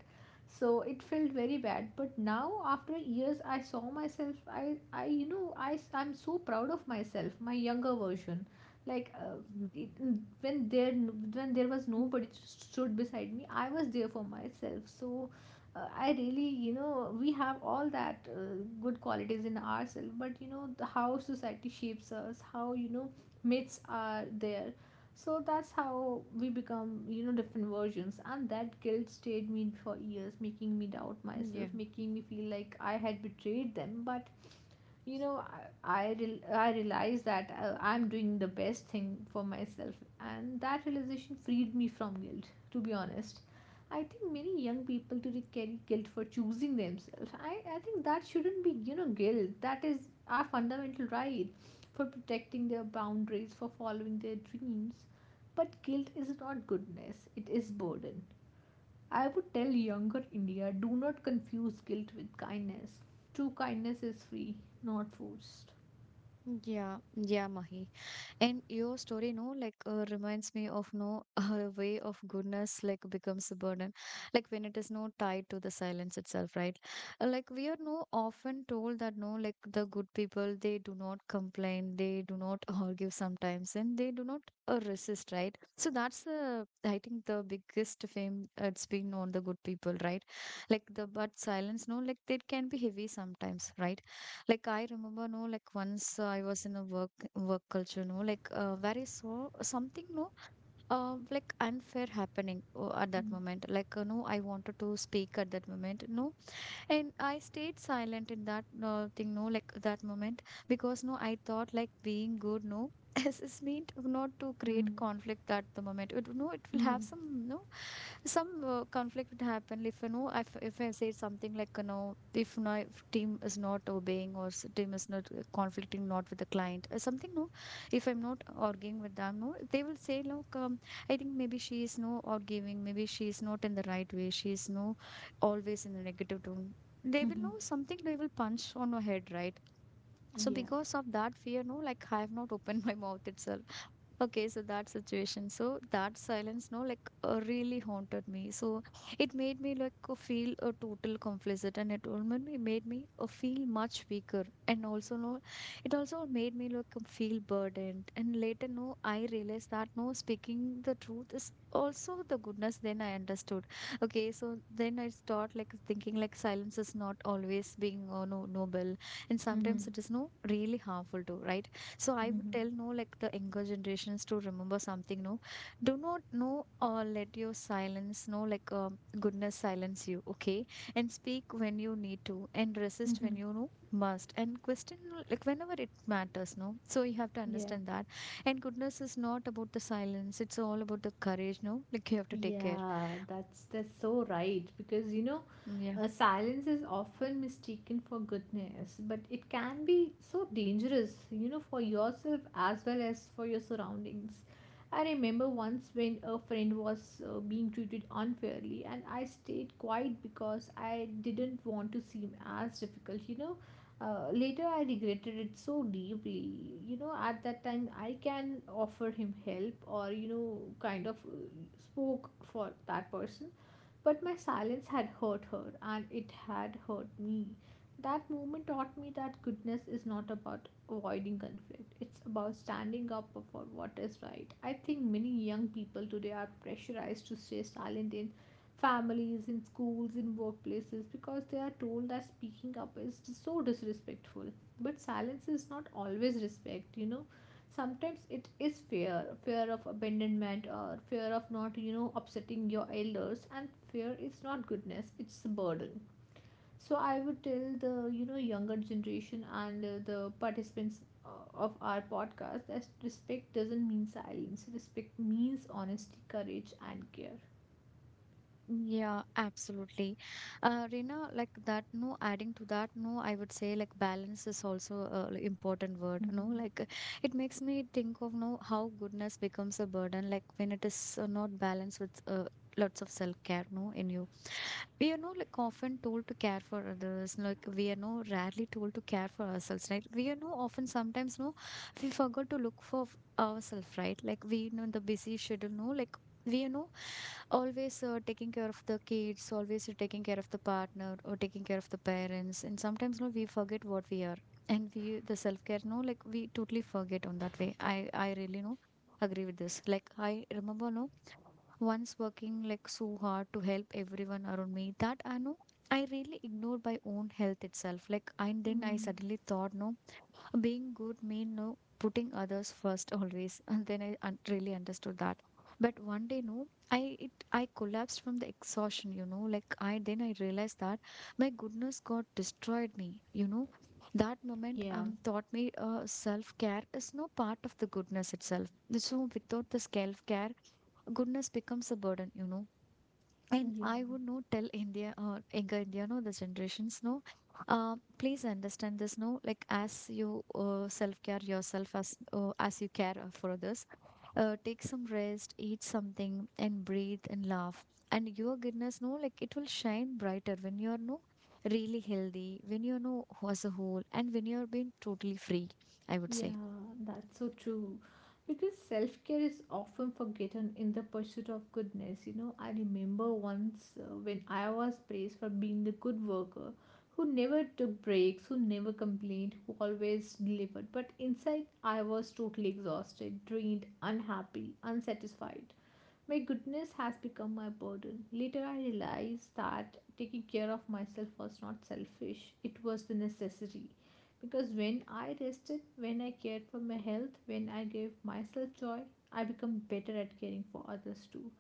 B: so it felt very bad but now after years I saw myself. I you know I'm so proud of myself, my younger version, like
A: Mhm.
B: it, when there when there was
A: Mm,
B: nobody stood beside me I was there for myself so I really you know we have all that good qualities in ourselves but you know the, how society shapes us, how you know myths are there so that's how we become you know different versions and that guilt stayed me for years making me doubt myself,
A: yeah.
B: making me feel like I had betrayed them but you know I realized that I'm doing the best thing for myself and that realization freed me from guilt, to be honest. I think many young people today carry guilt for choosing themselves. I think that shouldn't be, you know, guilt. That is our fundamental right for protecting their boundaries, for following their dreams. But guilt is not goodness, it is burden. I would tell younger India do not confuse guilt with kindness. True kindness is free, not forced.
A: Yeah, yeah, Mahi. And your story, no, like reminds me of no way of goodness, like becomes a burden, like when it is no tied to the silence itself, right? Like we are no often told that no, like the good people, they do not complain, they do not argue sometimes, and they do not resist, right? So that's the I think the biggest fame it's been on the good people, right? Like the but silence, no, like it can be heavy sometimes, right? Like I remember, no, like once I was in a work culture, no, like where I saw something, no, like unfair happening at that moment. Like no, I wanted to speak at that moment, no, and I stayed silent in that thing, no, like that moment because no, I thought like being good, no. This is mean to not to
B: Mm-hmm.
A: create conflict at the moment. It, no, it will
B: Mm-hmm.
A: have some no some conflict would happen if you know if I say something like you know if team is not obeying or s- team is not conflicting not with the client something no if I'm not arguing with them no they will say look I think maybe she is no arguing, maybe she is not in the right way, she is no always in a negative tone, they
B: Mm-hmm.
A: will
B: Mm-hmm.
A: know something, they will punch on her head, right? So
B: Yeah.
A: because of that fear no like I have not opened my mouth itself. Okay, so that situation, so that silence, no, like really haunted me. So it made me like feel a total complicit, and it all made me feel much weaker, and also no, it also made me like feel burdened. And later, no, I realized that no, speaking the truth is also the goodness. Then I understood. Okay, so then I start like thinking like silence is not always being no noble, and
B: Mm-hmm.
A: sometimes it is no really harmful too, right? So I
B: Mm-hmm.
A: would
B: Mm-hmm.
A: tell no like the younger generations to remember something no do not no. or let your silence no like goodness silence you, okay, and speak when you need to and resist when
B: Mm-hmm.
A: you know must and question like whenever it matters no, so you have to
B: Yeah.
A: understand that, and goodness is not about the silence, it's all about the courage no like you have to take care.
B: Yeah that's so right because you know
A: Mm, yeah.
B: silence is often mistaken for goodness, but it can be so dangerous, you know, for yourself as well as for your surroundings. I remember once when a friend was being treated unfairly, and I stayed quiet because I didn't want to seem as difficult, you know. Later, I regretted it so deeply. You know, at that time, I can offer him help or, you know, kind of spoke for that person but my silence had hurt her and it had hurt me. That moment taught me that goodness is not about avoiding conflict, it's about standing up for what is right. I think many young people today are pressurized to stay silent in families, in schools, in workplaces because they are told that speaking up is so disrespectful. But silence is not always respect, you know, sometimes it is fear, fear of abandonment or fear of not upsetting your elders. And fear is not goodness, it's a burden. So I would tell the younger generation and the participants of our podcast that respect doesn't mean silence. Respect means honesty, courage and care.
A: Yeah, absolutely. Rina, like that, no, adding to that, no, I would say like balance is also a like, important word, no,
B: Mhm.
A: it makes me think of no how goodness becomes a burden, like when it is not balanced with lots of self-care, no, in you we are not like often told to care for others like we are no rarely told to care for ourselves, right? We are no often sometimes no we forgot to look for ourselves, right? Like we know the busy schedule no like we are no always taking care of the kids, always taking care of the partner or taking care of the parents, and sometimes no we forget what we are and we the self care no like we totally forget on that way. I really no agree with this. Like I remember no once working like so hard to help everyone around me that I know I really ignored my own health itself. Like and then I
B: Mm,
A: suddenly thought, no, being good mean no putting others first always. And then really understood that. But one day, no, I collapsed from the exhaustion. You know, like I then I realized that my goodness got destroyed me. You know, that moment
B: yeah,
A: taught me self care is no part of the goodness itself. So without the self care goodness becomes a burden, you know, and
B: yeah.
A: I would not tell India or younger India no the generations no please understand this no like as you self care yourself as you care for others, take some rest, eat something and breathe and laugh, and your goodness no like it will shine brighter when you're no really healthy when you know as a whole and when you're being totally free, I would
B: Yeah,
A: say.
B: that's so true. Because self care is often forgotten in the pursuit of goodness. You know, I remember once when I was praised for being the good worker who never took breaks, who never complained, who always delivered. But inside, I was totally exhausted, drained, unhappy, unsatisfied. My goodness has become my burden. Later, I realized that taking care of myself was not selfish, it was the necessary. Because when I rested, when I cared for my health, when I gave myself joy, I become better at caring for others too.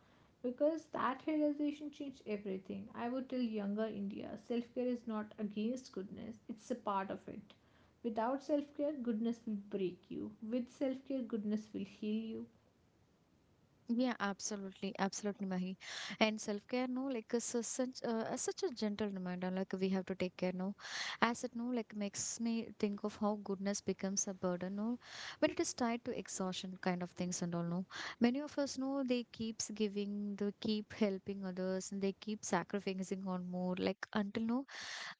B: Because that realization changed everything. I would tell younger India, self care is not against goodness, it's a part of it. Without self care, goodness will break you. With self care, goodness will heal you.
A: Yeah, absolutely, absolutely, Mahi. And self-care, no, like is a such a such a gentle reminder. Like we have to take care, no. As it, no, like makes me think of how goodness becomes a burden, no, when it is tied to exhaustion kind of things and all, no. Many of us know they keeps giving, they keep helping others, and they keep sacrificing on more, like until no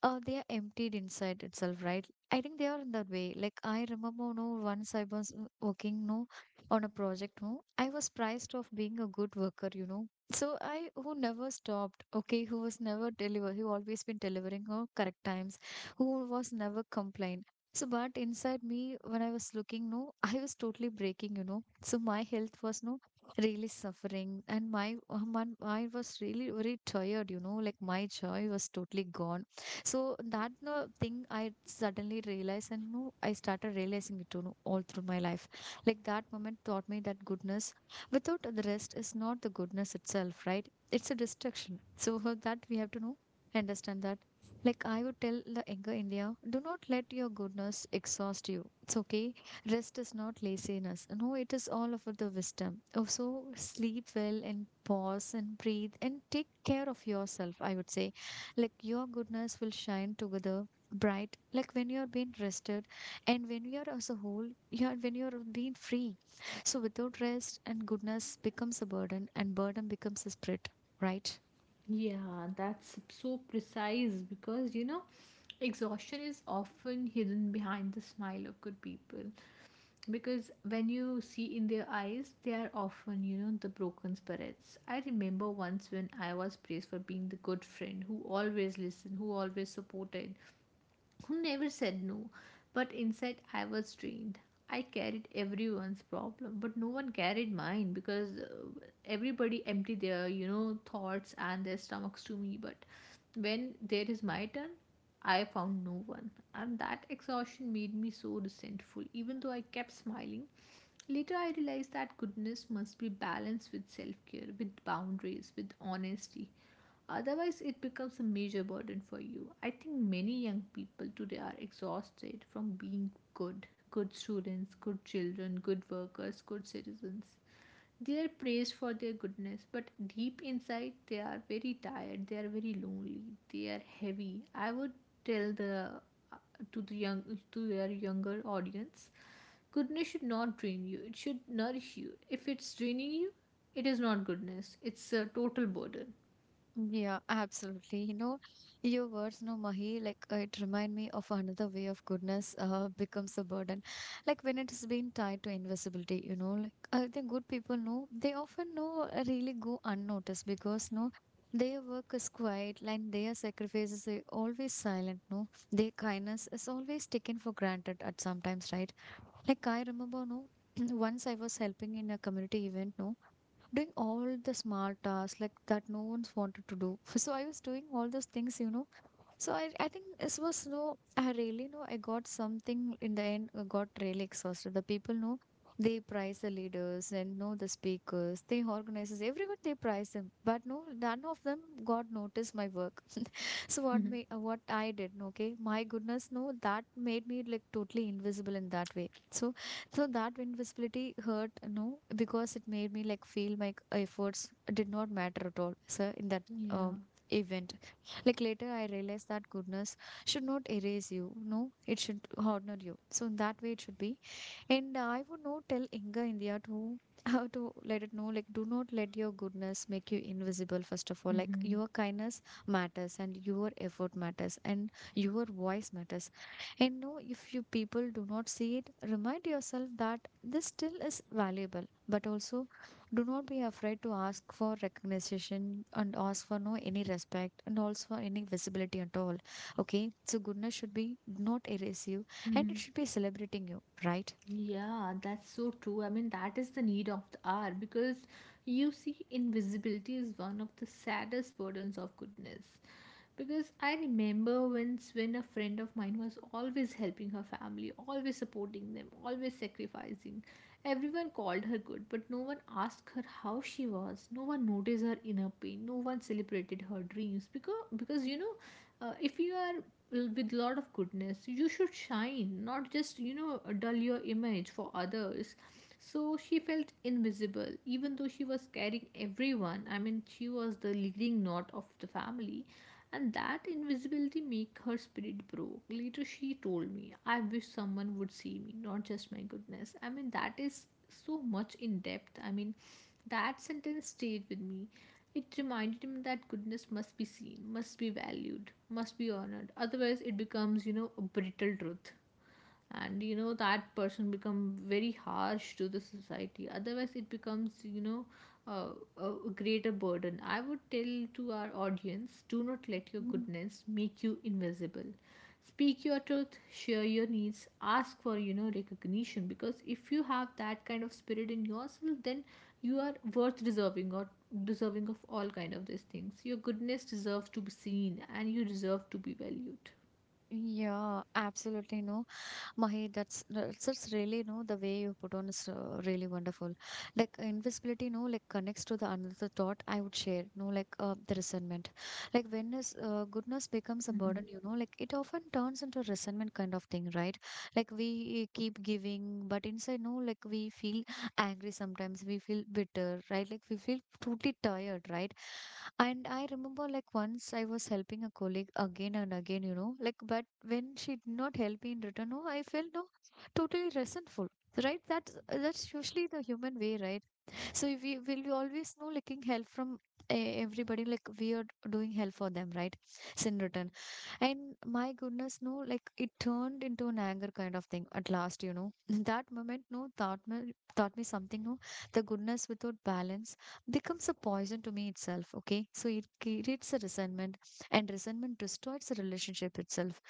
A: they are emptied inside itself, right? I think they are in that way. Like I remember, no, once I was working, no, on a project, no, I was prized of being a good worker, you know. So I, who never stopped, okay, who was never deliver, who always been delivering on correct times, who was never complained. So, but inside me, when I was looking, no, I was totally breaking, you know. So my health was no really suffering, and my I was really very tired, you know. Like my joy was totally gone so that the thing I suddenly realized and no, I started realizing it, you know, all through my life. Like that moment taught me that goodness without the rest is not the goodness itself, right? It's a distraction. So for that we have to know, understand that. Like I would tell the younger India, do not let your goodness exhaust you. It's okay. Rest is not laziness. No, it is all of the wisdom. Also sleep well and pause and breathe and take care of yourself, I would say like your goodness will shine together bright like when you're being rested and when you're as a whole you're when you're being free. So without rest and goodness becomes a burden and burden becomes a spirit, right?
B: Yeah, that's so precise, because you know, exhaustion is often hidden behind the smile of good people. Because when you see in their eyes, they are often, you know, the broken spirits. I remember once when I was praised for being the good friend who always listened, who always supported, who never said no, but inside I was drained. I carried everyone's problem, but no one carried mine, because everybody emptied their, you know, thoughts and their stomachs to me. But when there is my turn, I found no one, and that exhaustion made me so resentful, even though I kept smiling. Later, I realized that goodness must be balanced with self care, with boundaries, with honesty. Otherwise, it becomes a major burden for you. I think many young people today are exhausted from being good, good students, good children, good workers, good citizens. They are praised for their goodness, but deep inside, they are very tired, they are very lonely, they are heavy. I would tell the uh, to the young, to your younger audience, goodness should not drain you, it should nourish you. If it's draining you, it is not goodness, it's a total burden.
A: Yeah, absolutely. You know, your words, no, Mahi, like it remind me of another way of goodness becomes a burden. Like when it's been tied to invisibility, you know, like I think good people know they often know really go unnoticed because no, their work is quiet, like their sacrifices are always silent. No, their kindness is always taken for granted at sometimes, right? Like I remember, no, once I was helping in a community event, no, doing all the smart tasks like that no one's wanted to do. So I was doing all those things, you know. So I think this was no, I really know I got something in the end, I got really exhausted. The people know they prize the leaders and know the speakers, they organizers, everyone they prize them. But no, none of them got noticed my work. So what me what I did, okay? My goodness, no, that made me like totally invisible in that way. So that invisibility hurt, no, because it made me like feel my efforts did not matter at all, sir, in that um
B: Yeah.
A: event. Like later I realized that goodness should not erase you, no, it should honor you. So in that way it should be. And I would not tell Inga India to how to let it know, like, do not let your goodness make you invisible, first of all. Like,
B: Mhm,
A: your kindness matters and your effort matters and your voice matters. And no, if you people do not see it, remind yourself that this still is valuable, but also do not be afraid to ask for recognition and ask for no any respect and also for any visibility at all. Okay, so goodness should be not erase you and it
B: mhm.
A: should be celebrating you, right?
B: Yeah, that's so true. I mean, that is the need of the hour, because you see, invisibility is one of the saddest burdens of goodness. Because I remember once when a friend of mine was always helping her family, always supporting them, always sacrificing, everyone called her good, but no one asked her how she was, no one noticed her inner pain, no one celebrated her dreams. Because you know, if you are with a lot of goodness, you should shine, not just you know, dull your image for others. So she felt invisible, even though she was carrying everyone. I mean, she was the leading knot of the family, and that invisibility make her spirit broke. Later she told me, I wish someone would see me, not just my goodness. I mean that is so much in depth. I mean that sentence stayed with me. It reminded him that goodness must be seen, must be valued, must be honored, otherwise it becomes you know a brittle truth. And you know that person become very harsh to the society. Otherwise it becomes you know uh, a greater burden. I would tell to our audience, do not let your
A: Mm.
B: goodness make you invisible. Speak your truth, share your needs, ask for you know recognition. Because if you have that kind of spirit in yourself, then you are worth deserving, or deserving of all kind of these things. Your goodness deserves to be seen and you deserve to be valued.
A: Yeah, absolutely. No, Mahi, that's really no the way you put on is really wonderful. Like invisibility, no, like connects to the another thought I would share. No, like the resentment. Like when is goodness becomes a burden, you know, like it often turns into a resentment kind of thing, right? Like we keep giving, but inside, no, like we feel angry sometimes, we feel bitter, right? Like we feel totally tired, right? And I remember like once I was helping a colleague again and again, you know, like but when she did not help me in return no I felt no totally resentful, right? That's usually the human way, right? So we will always know looking help from everybody like we are doing help for them, right? So in return and my goodness, no, like it turned into an anger kind of thing at last, you know. That moment, no, taught me something, no. The goodness without balance becomes a poison to me itself, okay? So it creates a resentment, and resentment destroys the relationship itself.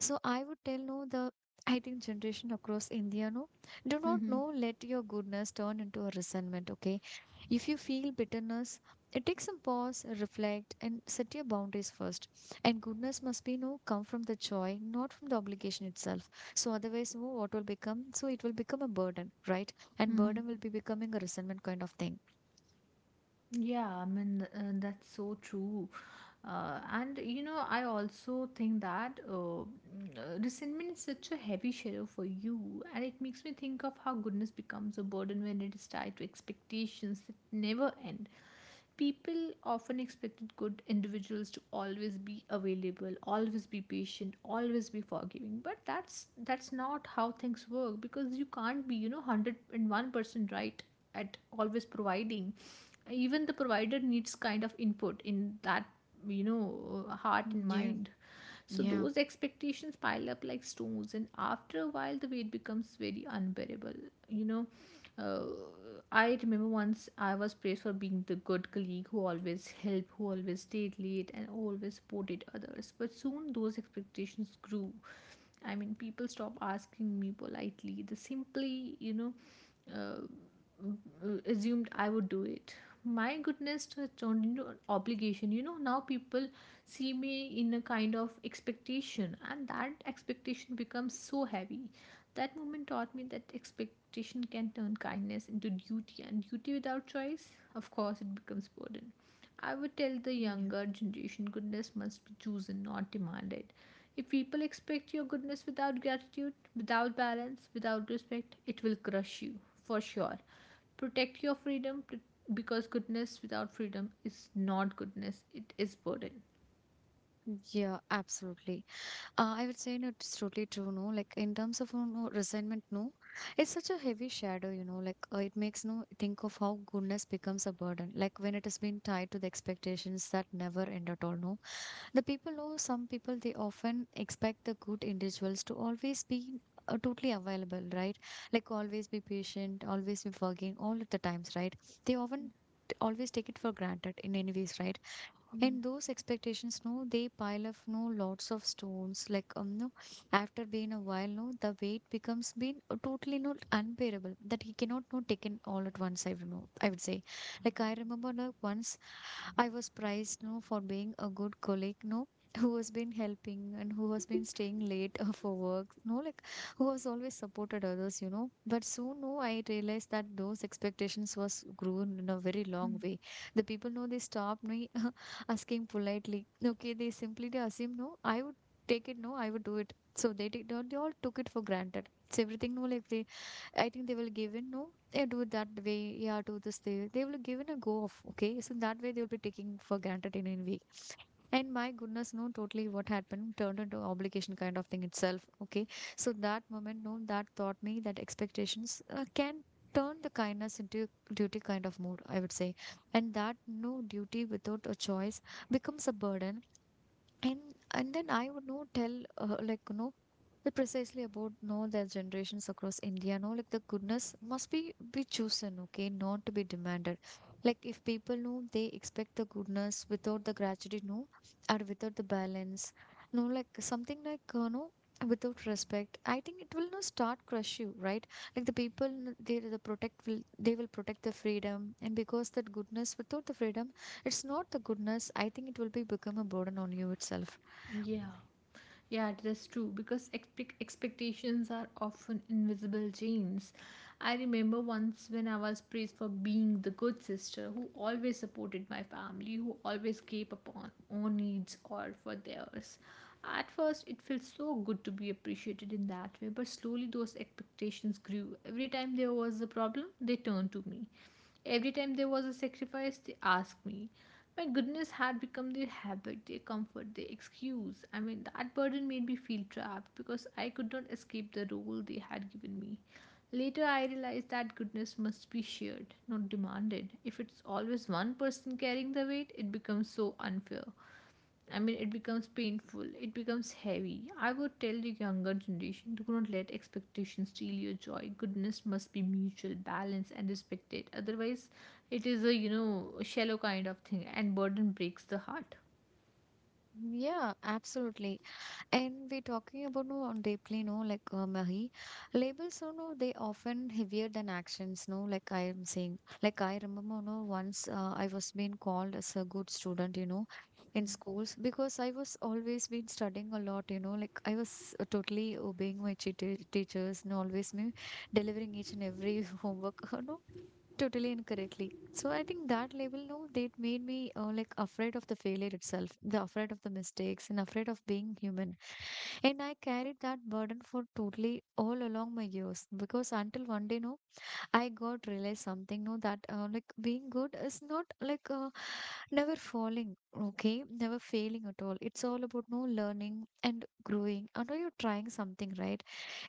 A: So I would tell no the I think generation across India no do not
B: Mm-hmm.
A: know let your goodness turn into a resentment, okay? If you feel bitterness it takes some pause, reflect and set your boundaries first, and goodness must be no come from the joy not from the obligation itself, so otherwise no what will become, so it will become a burden, right? And
B: Mm-hmm.
A: burden will be becoming a resentment kind of thing.
B: Yeah, I mean, that's so true. And you know, I also think that resentment is such a heavy shadow for you, and it makes me think of how goodness becomes a burden when it is tied to expectations that never end. People often expected good individuals to always be available, always be patient, always be forgiving, but that's not how things work, because you can't be, you know, 101% right at always providing. Even the provider needs kind of input in that you know heart and
A: Yeah.
B: mind. So
A: Yeah.
B: those expectations pile up like stones, and after a while the weight becomes very unbearable. You know, uh, I remember once I was praised for being the good colleague who always helped, who always stayed late and always supported others, but soon those expectations grew. I mean people stop asking me politely, they simply you know uh, assumed I would do it. My goodness turned into an obligation. You know, now people see me in a kind of expectation, and that expectation becomes so heavy. That moment taught me that expectation can turn kindness into duty, and duty without choice, of course it becomes burden. I would tell the
A: Yeah,
B: younger generation, goodness must be chosen, not demanded. If people expect your goodness without gratitude, without balance, without respect, it will crush you for sure. Protect your freedom, because goodness without freedom is not goodness, it is burden.
A: yeah absolutely. I would say no, it's totally true. No, like in terms of no resentment, no, it's such a heavy shadow. You know, like it makes no think of how goodness becomes a burden. Like when it has been tied to the expectations that never end at all. No, the people know some people they often expect the good individuals to always be totally available, right? Like always be patient, always be forgiving, all of the times, right? They often always take it for granted in any ways, right?
B: Mm,
A: And those expectations, no, they pile up, no, lots of stones. Like, no, after being a while, no, the weight becomes being totally not unbearable that he cannot no taken all at once. I don't know. I would say, like I remember like once I was prized no for being a good colleague no who has been helping and who has been staying late for work no like who has always supported others, you know, but soon no I realized that those expectations was grown in a very long way. The people know they stopped me asking politely, okay, they simply they assume no I would take it no I would do it so they did not they all took it for granted it's everything no like they I think they will give in, no, they do it that way, yeah, do this, they will give in a go off, okay? So that way, they will be taking for granted in a way. And my goodness, no, totally what happened turned into obligation kind of thing itself, okay? So that moment, no, that taught me that expectations can turn the kindness into duty kind of mood, I would say. And that no duty without a choice becomes a burden and and then I would know tell like you know the precisely about know their generations across India. No, like the goodness must be chosen, okay, not to be demanded. Like if people know they expect the goodness without the gratitude, no, or without the balance, no, like something. Without respect, I think it will not start crush you, right? Like the people, they will protect the freedom, and because that goodness without the freedom it's not the goodness. I think it will be become a burden on you itself.
B: yeah. Yeah, that's true, because expectations are often invisible chains. I remember once when I was praised for being the good sister who always supported my family, who always gave upon own needs or for theirs. At first, it felt so good to be appreciated in that way, but slowly those expectations grew. Every time there was a problem, they turned to me. Every time there was a sacrifice, they asked me. My goodness had become their habit, their comfort, their excuse. I mean that burden made me feel trapped, because I could not escape the role they had given me. Later, I realized that goodness must be shared, not demanded. If it's always one person carrying the weight, it becomes so unfair. I mean it becomes painful, it becomes heavy. I would tell the younger generation, do not let expectations steal your joy. Goodness must be mutual, balanced, and respected. Otherwise, it is a you know shallow kind of thing, and burden breaks the heart.
A: Yeah, absolutely. And we're talking about no on deeply, no, like Mahi. Labels, you know, they often heavier than actions, no, like I am saying. Like I remember, no, once I was being called as a good student, you know, in schools because I was always been studying a lot, you know, like I was totally obeying my cheat teachers and always me delivering each and every homework. No, totally incorrectly. So I think that label, no, they made me like afraid of the failure itself, the afraid of the mistakes, and afraid of being human. And I carried that burden for totally all along my years because until one day, no, I got realized something, no, that like being good is not never falling, okay, never failing at all. It's all about no learning and growing. I know you're trying something, right?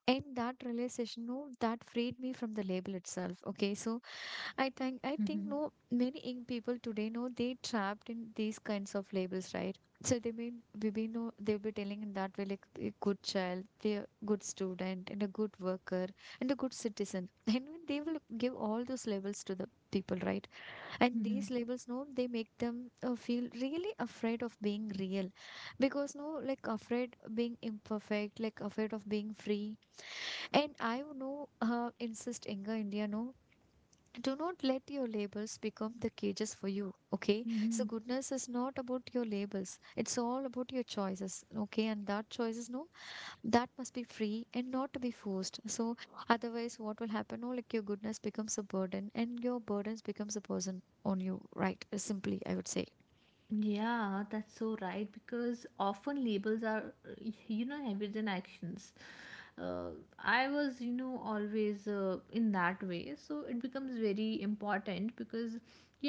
A: And that realization no that freed me from the label itself, okay. So I think
B: Mhm,
A: no many young people today know they trapped in these kinds of labels, right? So they mean we be no they'll be telling in that way like a good child, they're good student, and a good worker, and a good citizen and they will give all those labels to the people, right? And
B: mhm,
A: these labels no they make them feel really afraid of being real because no like afraid being imperfect, like afraid of being free. And I would know, insist Inga India, no, do not let your labels become the cages for you. Okay. So
B: mhm.
A: goodness is not about your labels. It's all about your choices. Okay. And that choices, no, that must be free and not to be forced. So otherwise, what will happen? No, like your goodness becomes a burden and your burdens becomes a person on you, right? Simply, I would say.
B: Yeah, that's so right, because often labels are, you know, heavier than actions. uh, I was you know always in that way, so it becomes very important. Because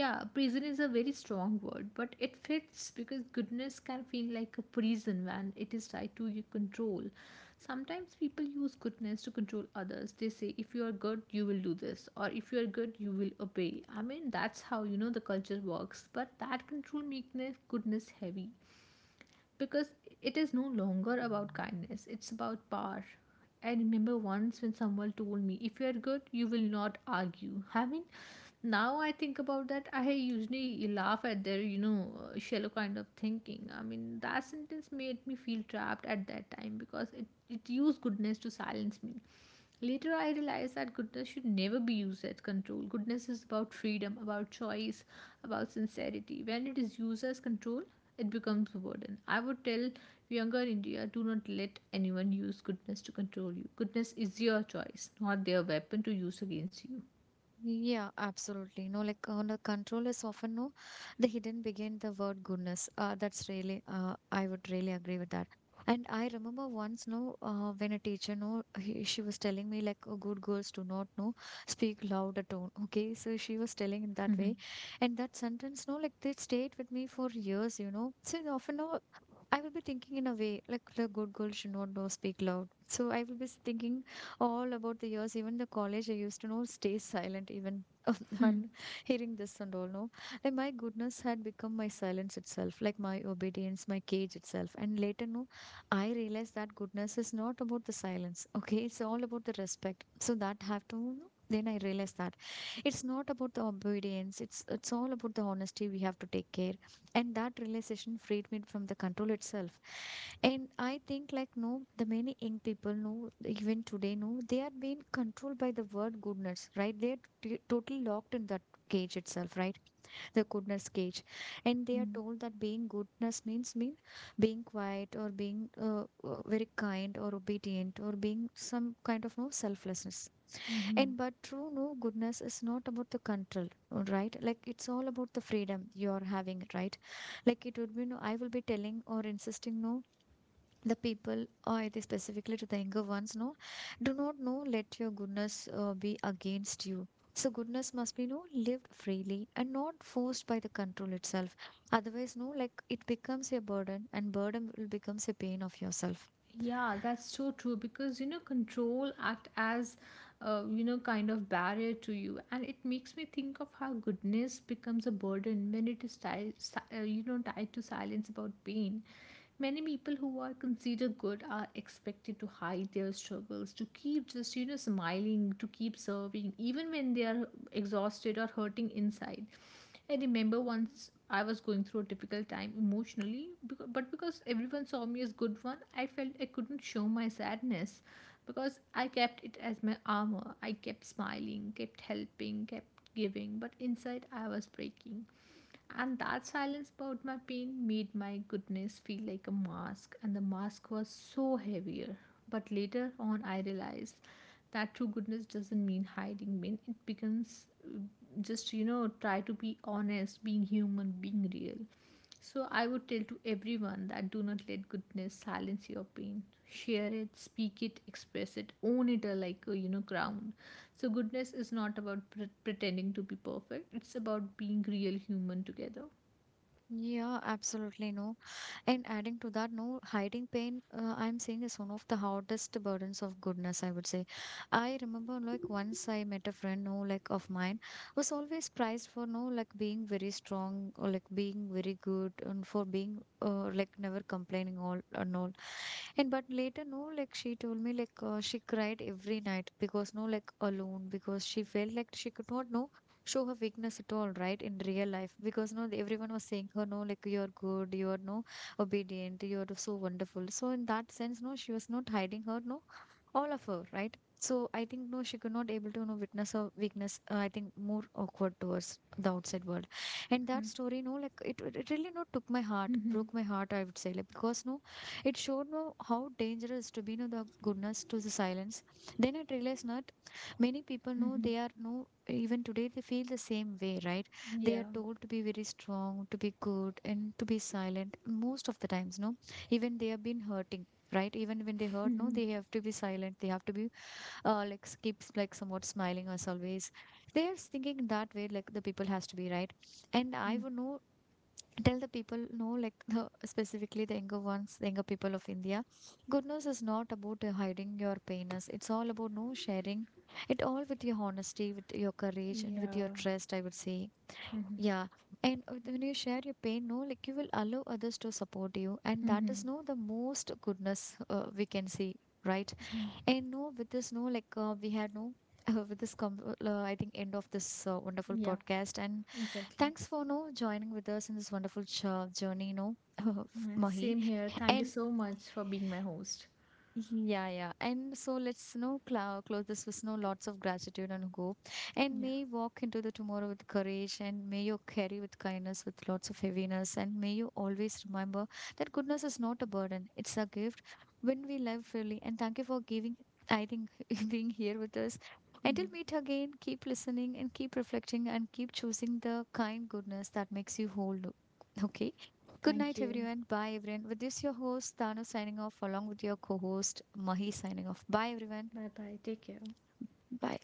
B: yeah, prison is a very strong word, but it fits, because goodness can feel like a prison when it is tied to your control. Sometimes people use goodness to control others. They say, if you are good you will do this, or if you are good you will obey. I mean that's how you know the culture works, but that control makes goodness heavy, because it is no longer about kindness, it's about power. I remember once when someone told me, if you are good, you will not argue. I mean, now I think about that, I usually laugh at their, you know, shallow kind of thinking. I mean that sentence made me feel trapped at that time, because it used goodness to silence me. Later, I realized that goodness should never be used as control. Goodness is about freedom, about choice, about sincerity. When it is used as control, it becomes a burden. I would tell younger India, do not let anyone use goodness to control you. Goodness is your choice, not their weapon to use against you.
A: Yeah, absolutely. No, like no, control is often no, the hidden behind the word goodness. That's really, I would really agree with that. And I remember once, no, when a teacher, no, she was telling me like, oh, good girls do not know speak louder tone. Okay, so she was telling in that way, and that sentence, no, like they stayed with me for years. You know, so often, no, I will be thinking in a way like the good girl should not know speak loud. So I will be thinking all about the years. Even the college I used to know stay silent even on hearing this and all no. Like my goodness had become my silence itself, like my obedience, my cage itself. And later no, I realized that goodness is not about the silence. Okay, it's all about the respect. So that have to no? Then I realized that it's not about the obedience, it's all about the honesty, we have to take care. And that realization freed me from the control itself. And I think like no the many young people know even today no they are being controlled by the word goodness, right? They're totally locked in that cage itself, right? The goodness cage. And they are told that being goodness means mean being quiet or being uh, very kind or obedient or being some kind of no selflessness.
B: Mm-hmm.
A: And but true no goodness is not about the control, right? Like it's all about the freedom you are having, right? Like it would be no, I will be telling or insisting no, the people or it is specifically to the younger ones, no, do not no let your goodness be against you. So goodness must be no lived freely and not forced by the control itself. Otherwise, no, like it becomes a burden and burden will becomes a pain of yourself.
B: Yeah, that's so true, because you know control act as you know kind of barrier to you, and it makes me think of how goodness becomes a burden when it is tied, you know, tied to silence about pain. Many people who are considered good are expected to hide their struggles, to keep just you know smiling, to keep serving even when they are exhausted or hurting inside. I remember once I was going through a difficult time emotionally, but because everyone saw me as good one, I felt I couldn't show my sadness, because I kept it as my armor. I kept smiling, kept helping, kept giving, but inside I was breaking. And that silence about my pain made my goodness feel like a mask, and the mask was so heavier. But later on, I realized that true goodness doesn't mean hiding pain, it becomes just, you know, try to be honest, being human, being real. So I would tell to everyone that, do not let goodness silence your pain. Share it, speak it, express it, own it like a you know ground. So, goodness is not about pretending to be perfect, it's about being real human together.
A: Yeah, absolutely no. And adding to that, no hiding pain, I'm saying is one of the hardest burdens of goodness, I would say. I remember like once I met a friend, no, like of mine, was always prized for no, like being very strong or like being very good and for being like never complaining all. And but later, no, like she told me like she cried every night because no, like alone because she felt like she could not no show her weakness at all, right, in real life because no everyone was saying her no like you're good, you're no obedient, you're so wonderful. So in that sense no she was not hiding her no all of her, right? So I think no she could not able to no witness her weakness, I think more awkward towards the outside world. And that story no like it really no took my heart,
B: Mm-hmm.
A: broke my heart, I would say, like because no it showed no how dangerous to be no the goodness to the silence. Then I realized not many people know
B: Mm-hmm.
A: they are no, even today they feel the same way, right? They are
B: Yeah.
A: told to be very strong, to be good, and to be silent most of the times, no? Even they have been hurting. Right, even when they hurt, no,
B: Mm-hmm.
A: they have to be silent. They have to be like keeps like somewhat smiling as always. They are thinking that way, like the people has to be right. And I
B: Mm.
A: would know tell the people no like the specifically the younger ones, the younger people of India, goodness is not about hiding your pains, it's all about no sharing it all with your honesty, with your courage, and with your
B: Yeah.
A: trust, I would say.
B: Mm-hmm.
A: Yeah, and when you share your pain no like you will allow others to support you and that
B: Mm-hmm.
A: is no the most goodness we can see, right? And no with this no like we had no I think end of this wonderful
B: Yeah,
A: podcast. And
B: exactly.
A: thanks for no joining with us in this wonderful journey, no,
B: Yeah,
A: Mahi.
B: same here. Thank you
A: And
B: so much for being my host.
A: mm-hmm. Yeah, yeah. And so let's you know close this with you know lots of gratitude and hope. And
B: Yeah.
A: may you walk into the tomorrow with courage, and may you carry with kindness with lots of heaviness. And may you always remember that goodness is not a burden, it's a gift when we live freely. And thank you for giving, I think, being here with us.
B: Mhm.
A: Until meet again, keep listening and keep reflecting and keep choosing the kind goodness that makes you whole. Okay. Good
B: Thank
A: night,
B: you.
A: everyone. Bye, everyone. With this, your host, Tanu, signing off, along with your co host, Mahi, signing off. Bye, everyone.
B: Bye bye. Take care.
A: Bye.